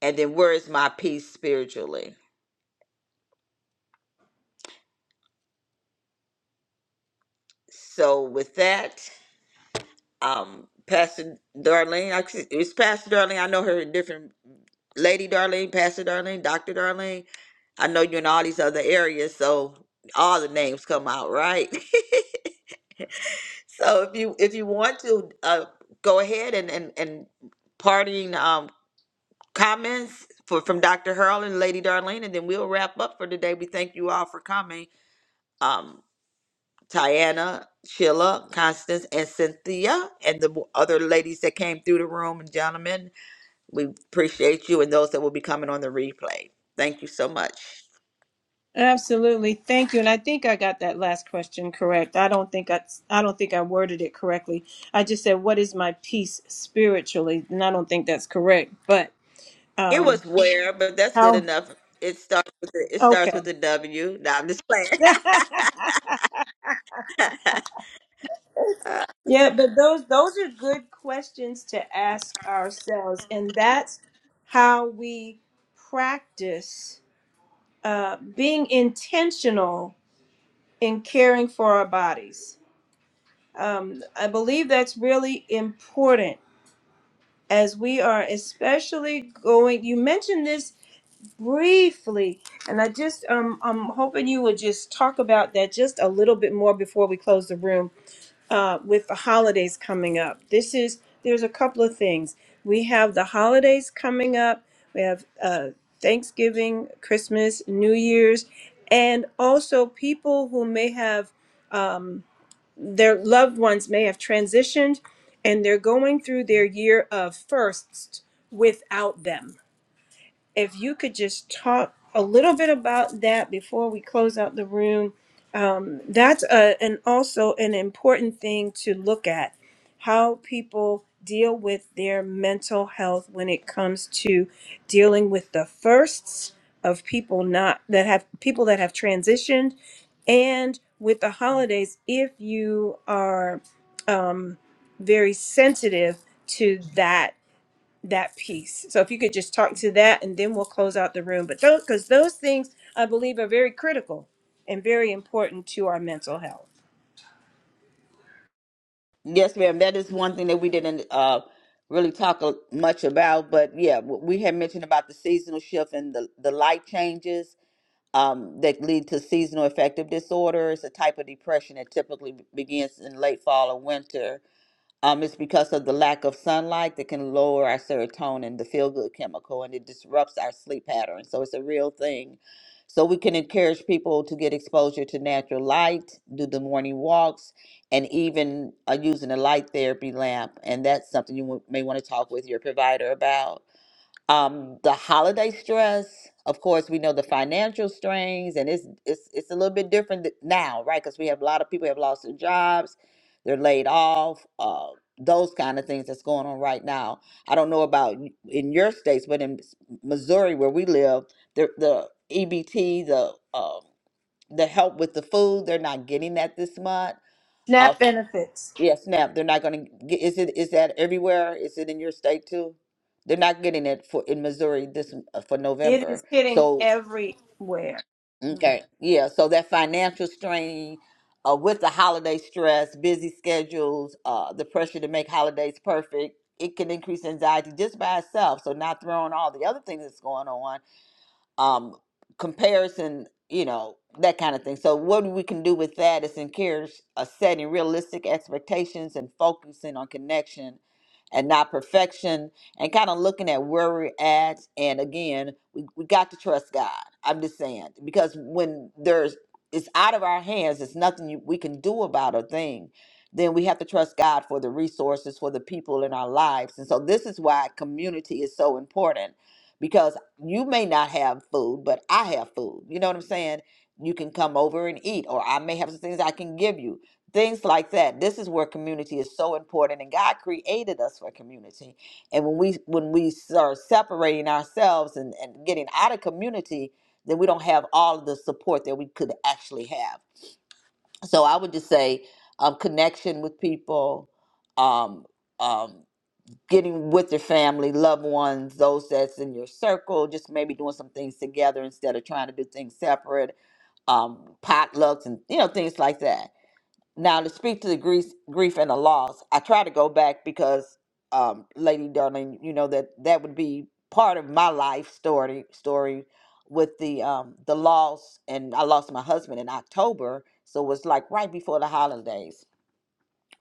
[SPEAKER 2] and then where is my peace spiritually? So with that, um, Pastor Darlene, I- it's Pastor Darlene. I know her in different Lady Darlene, Pastor Darlene, Doctor Darlene. I know you in all these other areas, so all the names come out right. (laughs) so if you if you want to uh, go ahead and and and parting um, comments for from Doctor Hurl and Lady Darlene, and then we'll wrap up for today. We thank you all for coming. Um, Tiana, Sheila, Constance, and Cynthia, and the other ladies that came through the room and gentlemen. We appreciate you and those that will be coming on the replay. Thank you so much.
[SPEAKER 1] absolutely thank you and i think i got that last question correct i don't think i i don't think i worded it correctly i just said what is my peace spiritually and i don't think that's correct but
[SPEAKER 2] It
[SPEAKER 1] um
[SPEAKER 2] was where, but that's good
[SPEAKER 1] how
[SPEAKER 2] enough. It starts with the, it starts
[SPEAKER 1] okay
[SPEAKER 2] with the W. Now I'm just playing.
[SPEAKER 1] (laughs) Yeah, but those those are good questions to ask ourselves, and that's how we practice uh, being intentional in caring for our bodies. Um, I believe that's really important as we are especially going. You mentioned this briefly, and I just um, I'm hoping you would just talk about that just a little bit more before we close the room uh, with the holidays coming up. This is there's a couple of things. We have the holidays coming up. We have uh, Thanksgiving, Christmas, New Year's, and also people who may have um, their loved ones may have transitioned, and they're going through their year of firsts without them. If you could just talk a little bit about that before we close out the room um, That's a, and also an important thing to look at how people deal with their mental health when it comes to dealing with the firsts of people not that have people that have transitioned and with the holidays if you are very sensitive to that that piece so if you could just talk to that and then we'll close out the room but those because those things i believe are very critical and very important to our mental health
[SPEAKER 2] (laughs) yes, ma'am. That is one thing that we didn't uh, really talk a- much about, but yeah, w- we had mentioned about the seasonal shift and the the light changes um, that lead to seasonal affective disorder. It's a type of depression that typically b- begins in late fall or winter. Um, it's because of the lack of sunlight that can lower our serotonin, the feel good chemical, and it disrupts our sleep pattern. So it's a real thing. So we can encourage people to get exposure to natural light, do the morning walks, and even uh, using a light therapy lamp. And that's something you w- may want to talk with your provider about um the holiday stress of course we know the financial strains and it's it's it's a little bit different th- now right because we have a lot of people have lost their jobs they're laid off uh those kind of things that's going on right now i don't know about y- in your states but in s- missouri where we live the the ebt the um the help with the food they're not getting that this month Uh,
[SPEAKER 1] SNAP benefits.
[SPEAKER 2] yeah, SNAP. They're not going to get. Is it? Is that everywhere? Is it in your state too? They're not getting it for in Missouri this uh, for
[SPEAKER 1] It is
[SPEAKER 2] November.
[SPEAKER 1] hitting
[SPEAKER 2] So
[SPEAKER 1] everywhere.
[SPEAKER 2] Mhm. okay, yeah. So that financial strain, uh, with the holiday stress, busy schedules, uh, the pressure to make holidays perfect, it can increase anxiety just by itself. So not throwing all the other things that's going on um comparison you know that kind of thing so what we can do with that is encourage a setting realistic expectations and focusing on connection and not perfection and kind of looking at where we're at and again we, we got to trust god i'm just saying because when there's it's out of our hands it's nothing you, we can do about a thing then we have to trust god for the resources for the people in our lives and so this is why community is so important because you may not have food, but I have food. You know what I'm saying? You can come over and eat, or I may have some things I can give you. Things like that. This is where community is so important, and God created us for community. And when we when we start separating ourselves and, and getting out of community, then we don't have all of the support that we could actually have. So I would just say, um, connection with people, um, um, getting with your family, loved ones, those that's in your circle, just maybe doing some things together instead of trying to do things separate, um, potlucks and you know things like that. Now to speak to the grief, grief and the loss, I try to go back because, um, Lady Darling, you know that that would be part of my life story story with the um the loss and I lost my husband in October, so it was like right before the holidays,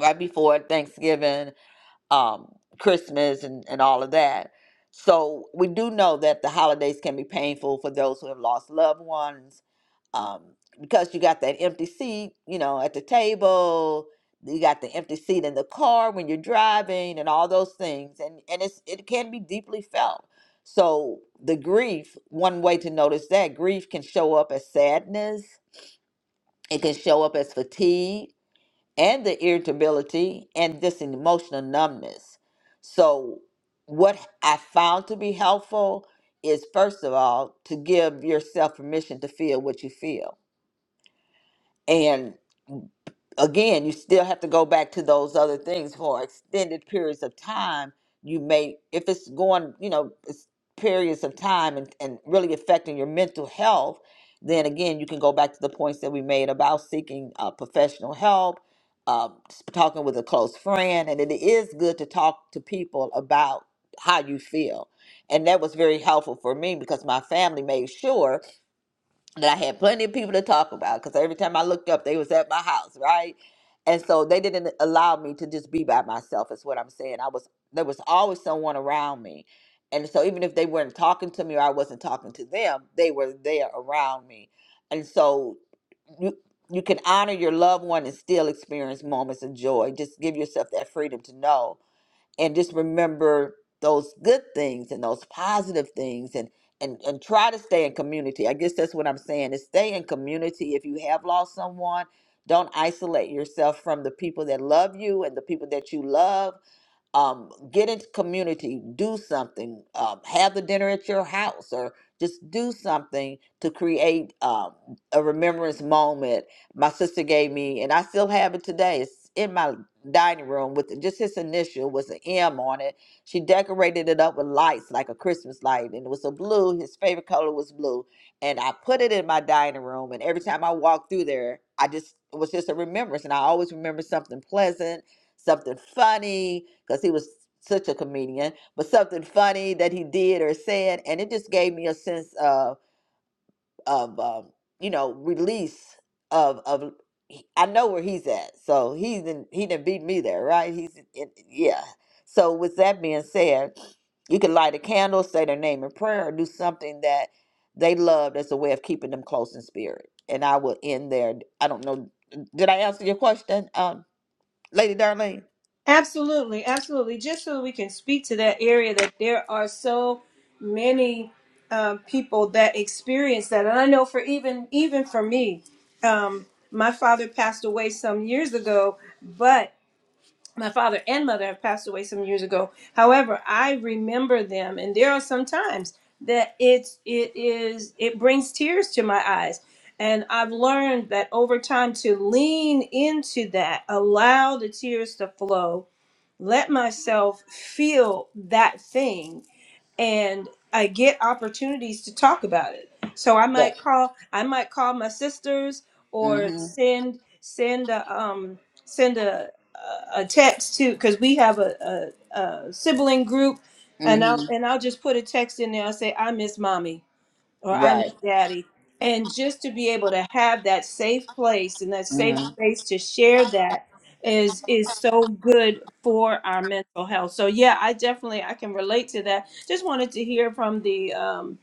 [SPEAKER 2] right before Thanksgiving um, Christmas and, and all of that. So we do know that the holidays can be painful for those who have lost loved ones um, because you got that empty seat, you know, at the table. You got the empty seat in the car when you're driving, and all those things, and and it's it can be deeply felt. So the grief, one way to notice that grief can show up as sadness. It can show up as fatigue and the irritability and this emotional numbness. So, what I found to be helpful is first of all to give yourself permission to feel what you feel and again, you still have to go back to those other things for extended periods of time. You may, if it's going, you know, it's periods of time and, and really affecting your mental health, then again, you can go back to the points that we made about seeking uh, professional help, uh, talking with a close friend. And it is good to talk to people about how you feel. And that was very helpful for me because my family made sure that I had plenty of people to talk about because every time I looked up, they was at my house, right? And so they didn't allow me to just be by myself. Is what I'm saying. I was there was always someone around me, and so even if they weren't talking to me or I wasn't talking to them, they were there around me, and so you you can honor your loved one and still experience moments of joy. Just give yourself that freedom to know and just remember those good things and those positive things and and and try to stay in community. I guess that's what I'm saying. Is stay in community. If you have lost someone, don't isolate yourself from the people that love you and the people that you love um, get into community, do something, um, have the dinner at your house, or just do something to create um, a remembrance moment. My sister gave me, and I still have it today. It's in my dining room with just his initial was an M on it. She decorated it up with lights like a Christmas light, and it was a blue. His favorite color was blue, and I put it in my dining room. And every time I walked through there, I just it was just a remembrance, and I always remember something pleasant something funny because he was such a comedian, but something funny that he did or said, and it just gave me a sense of of um, you know release of of he- I know where he's at, so he's in, he didn't beat me there, right? He's in, yeah. So with that being said, you can light a candle, say their name in prayer, or do something that they loved as a way of keeping them close in spirit. And I will end there. I don't know. Did I answer your question, um, Lady Darlene?
[SPEAKER 1] Absolutely, absolutely. Just so we can speak to that area that there are so many um, people that experience that, and I know for even even for me, um, my father passed away some years ago, but my father and mother have passed away some years ago. However, I remember them, and there are some times that it's it is it brings tears to my eyes. And I've learned that over time to lean into that, allow the tears to flow, let myself feel that thing and I get opportunities to talk about it. So I might call I might call my sisters or
[SPEAKER 2] Mhm.
[SPEAKER 1] send send a um send a a a text to because we have a, a, a sibling group and I'll
[SPEAKER 2] Mhm.
[SPEAKER 1] and I'll just put a text in there. I'll say I miss mommy or I
[SPEAKER 2] Right.
[SPEAKER 1] miss daddy. And just to be able to have that safe place and that safe
[SPEAKER 2] Mhm.
[SPEAKER 1] space to share that is is so good for our mental health. So yeah, I definitely I can relate to that. Just wanted to hear from the um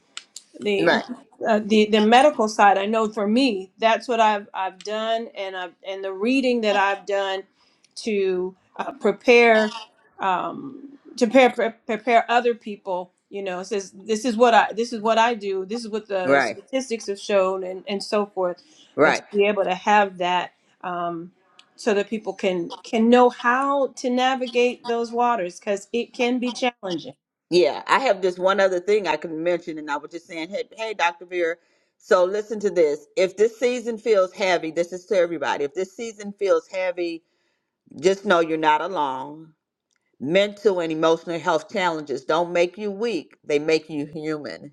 [SPEAKER 1] the
[SPEAKER 2] Right.
[SPEAKER 1] uh, the the medical side i know for me that's what i've i've done and i've and the reading that i've done to uh, prepare um to prepare pre- prepare other people you know it says this is what i this is what i do this is what the
[SPEAKER 2] Right.
[SPEAKER 1] statistics have shown and and so forth but to
[SPEAKER 2] Right.
[SPEAKER 1] be able to have that um so that people can can know how to navigate those waters because it can be challenging
[SPEAKER 2] Yeah. I have just one other thing I can mention, and I was just saying, hey, hey, Dr. Vera. So listen to this. If this season feels heavy, this is to everybody. If this season feels heavy, just know you're not alone. Mental and emotional health challenges don't make you weak; they make you human.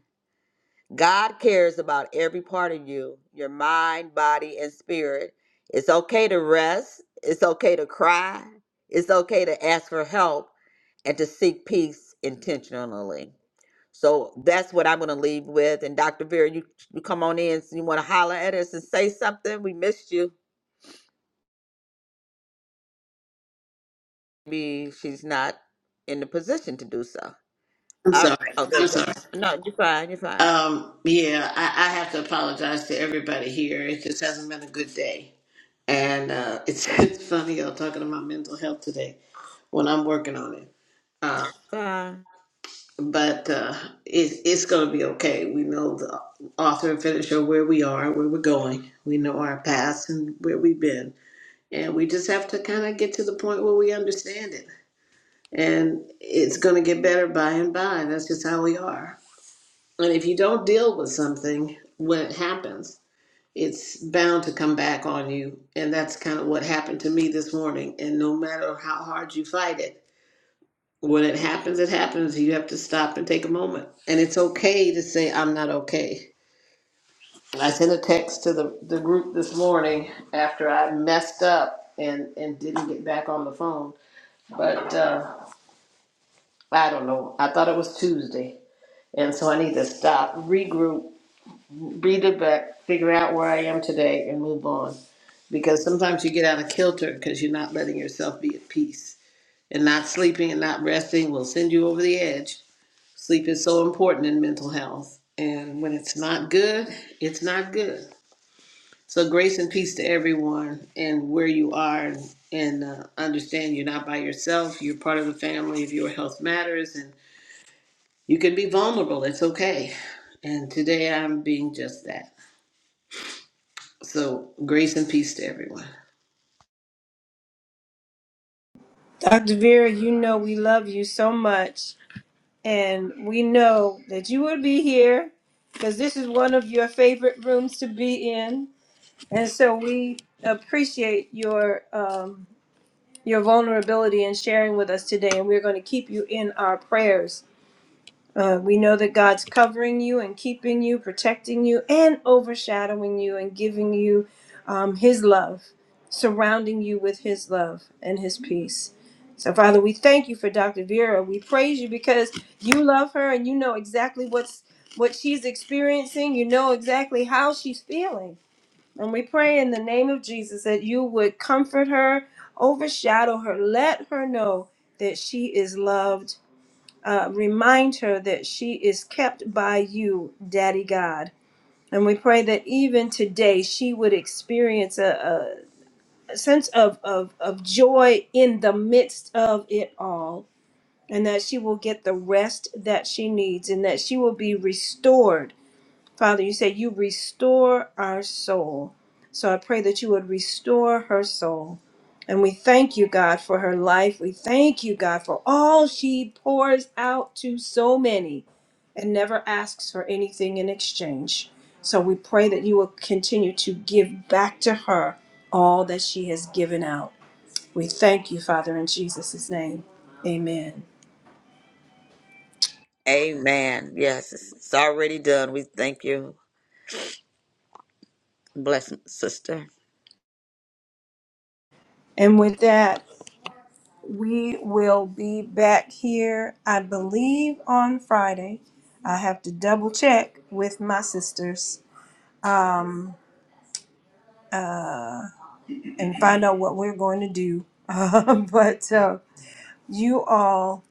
[SPEAKER 2] God cares about every part of you, your mind, body, and spirit. It's okay to rest. It's okay to cry. It's okay to ask for help and to seek peace intentionally. So that's what I'm going to leave with. And Dr. Vera, you, you come on in. So you want to holler at us and say something? We missed you. Maybe she's not in the position to do so.
[SPEAKER 4] I'm
[SPEAKER 2] I,
[SPEAKER 4] sorry.
[SPEAKER 2] oh, there
[SPEAKER 4] I'm
[SPEAKER 2] you go.
[SPEAKER 4] sorry.
[SPEAKER 2] No, you're fine. You're fine.
[SPEAKER 4] Um, yeah, I, I have to apologize to everybody here. It just hasn't been a good day. And uh, it's, (laughs) it's funny, y'all talking about mental health today when I'm working on it. Uh,
[SPEAKER 2] Fine.
[SPEAKER 4] but uh, it, it's going to be okay. We know the author and finisher where we are, where we're going. We know our past and where we've been. And we just have to kind of get to the point where we understand it. And it's going to get better by and by. That's just how we are. And if you don't deal with something when it happens, it's bound to come back on you. And that's kind of what happened to me this morning. And no matter how hard you fight it, when it happens, it happens. You have to stop and take a moment. And it's okay to say, I'm not okay. I sent a text to the, the group this morning after I messed up and, and didn't get back on the phone. But uh, I don't know. I thought it was Tuesday. And so I need to stop, regroup, breathe it back, figure out where I am today, and move on. Because sometimes you get out of kilter because you're not letting yourself be at peace. And not sleeping and not resting will send you over the edge. Sleep is so important in mental health. And when it's not good, it's not good. So, grace and peace to everyone and where you are. And, and uh, understand you're not by yourself. You're part of the family of your health matters. And you can be vulnerable. It's okay. And today I'm being just that. So, grace and peace to everyone.
[SPEAKER 1] Dr. Vera, you know we love you so much, and we know that you will be here because this is one of your favorite rooms to be in, and so we appreciate your um, your vulnerability and sharing with us today. And we're going to keep you in our prayers. Uh, we know that God's covering you and keeping you, protecting you, and overshadowing you and giving you um, His love, surrounding you with His love and His peace. So, Father, we thank you for Dr. Vera. We praise you because you love her and you know exactly what's what she's experiencing. You know exactly how she's feeling. And we pray in the name of Jesus that you would comfort her, overshadow her, let her know that she is loved uh, remind her that she is kept by you, Daddy God. And we pray that even today she would experience a, a sense of, of, of joy in the midst of it all, and that she will get the rest that she needs, and that she will be restored Father, you say you restore our soul. So I pray that you would restore her soul. And we thank you, God, for her life. We thank you, God, for all she pours out to so many and never asks for anything in exchange. So we pray that you will continue to give back to her all that she has given out. We thank you, Father, in Jesus' name. Amen.
[SPEAKER 2] Amen. Yes, it's it's already done. We thank you. Blessing, sister.
[SPEAKER 1] And with that, We will be back here, I believe, on Friday. I have to double check with my sisters and find out what we're going to do. (laughs) but uh, you all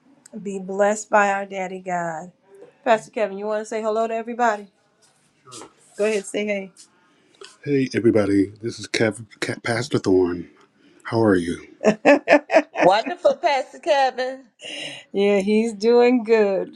[SPEAKER 1] be blessed by our daddy God. Pastor Kevin, you want to say hello to everybody? Go ahead, say hey. Hey, everybody. This is Kev, Ca Pastor Thorne. How are you? (laughs)
[SPEAKER 2] Wonderful, Pastor Kevin.
[SPEAKER 1] yeah, he's doing good.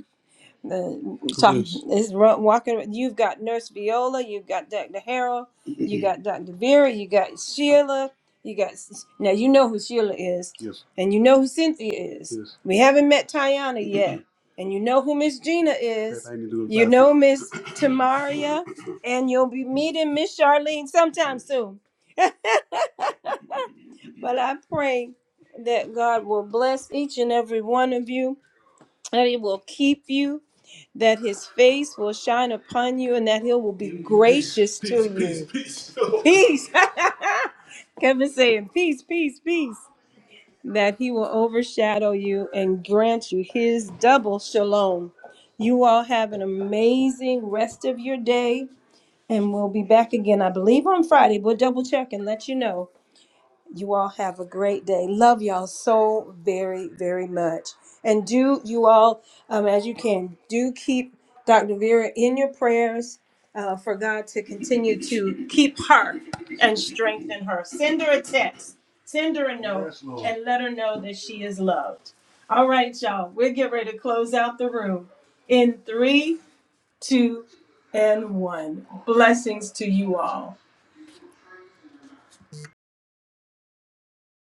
[SPEAKER 1] uh, Who talking is? ru- walking. You've got Nurse Viola, you've got Dr. Harold, you got Dr. Vera, you got Sheila, you got S- now you know who Sheila is, Yes, and you know who Cynthia is. yes. We haven't met Tiana yet, and you know who Miss Gina That is. I need to go You bathroom. know Miss (coughs) Tamaria, and you'll be meeting Miss Charlene sometime soon. (laughs) but I pray that God will bless each and every one of you, that He will keep you that his face will shine upon you and that he will be gracious to you. Peace. (laughs) Kevin saying, peace, peace, peace. That he will overshadow you and grant you his double shalom. You all have an amazing rest of your day and we'll be back again, I believe, on Friday. We'll double check and let you know. You all have a great day. Love y'all so very, very much. And do you all, um, as you can, do keep Dr. Vera in your prayers uh, for God to continue to keep her and strengthen her. Send her a text, send her a note, Yes, Lord. and let her know that she is loved. All right, y'all, we'll get ready to close out the room in three, two, and one. Blessings to you all.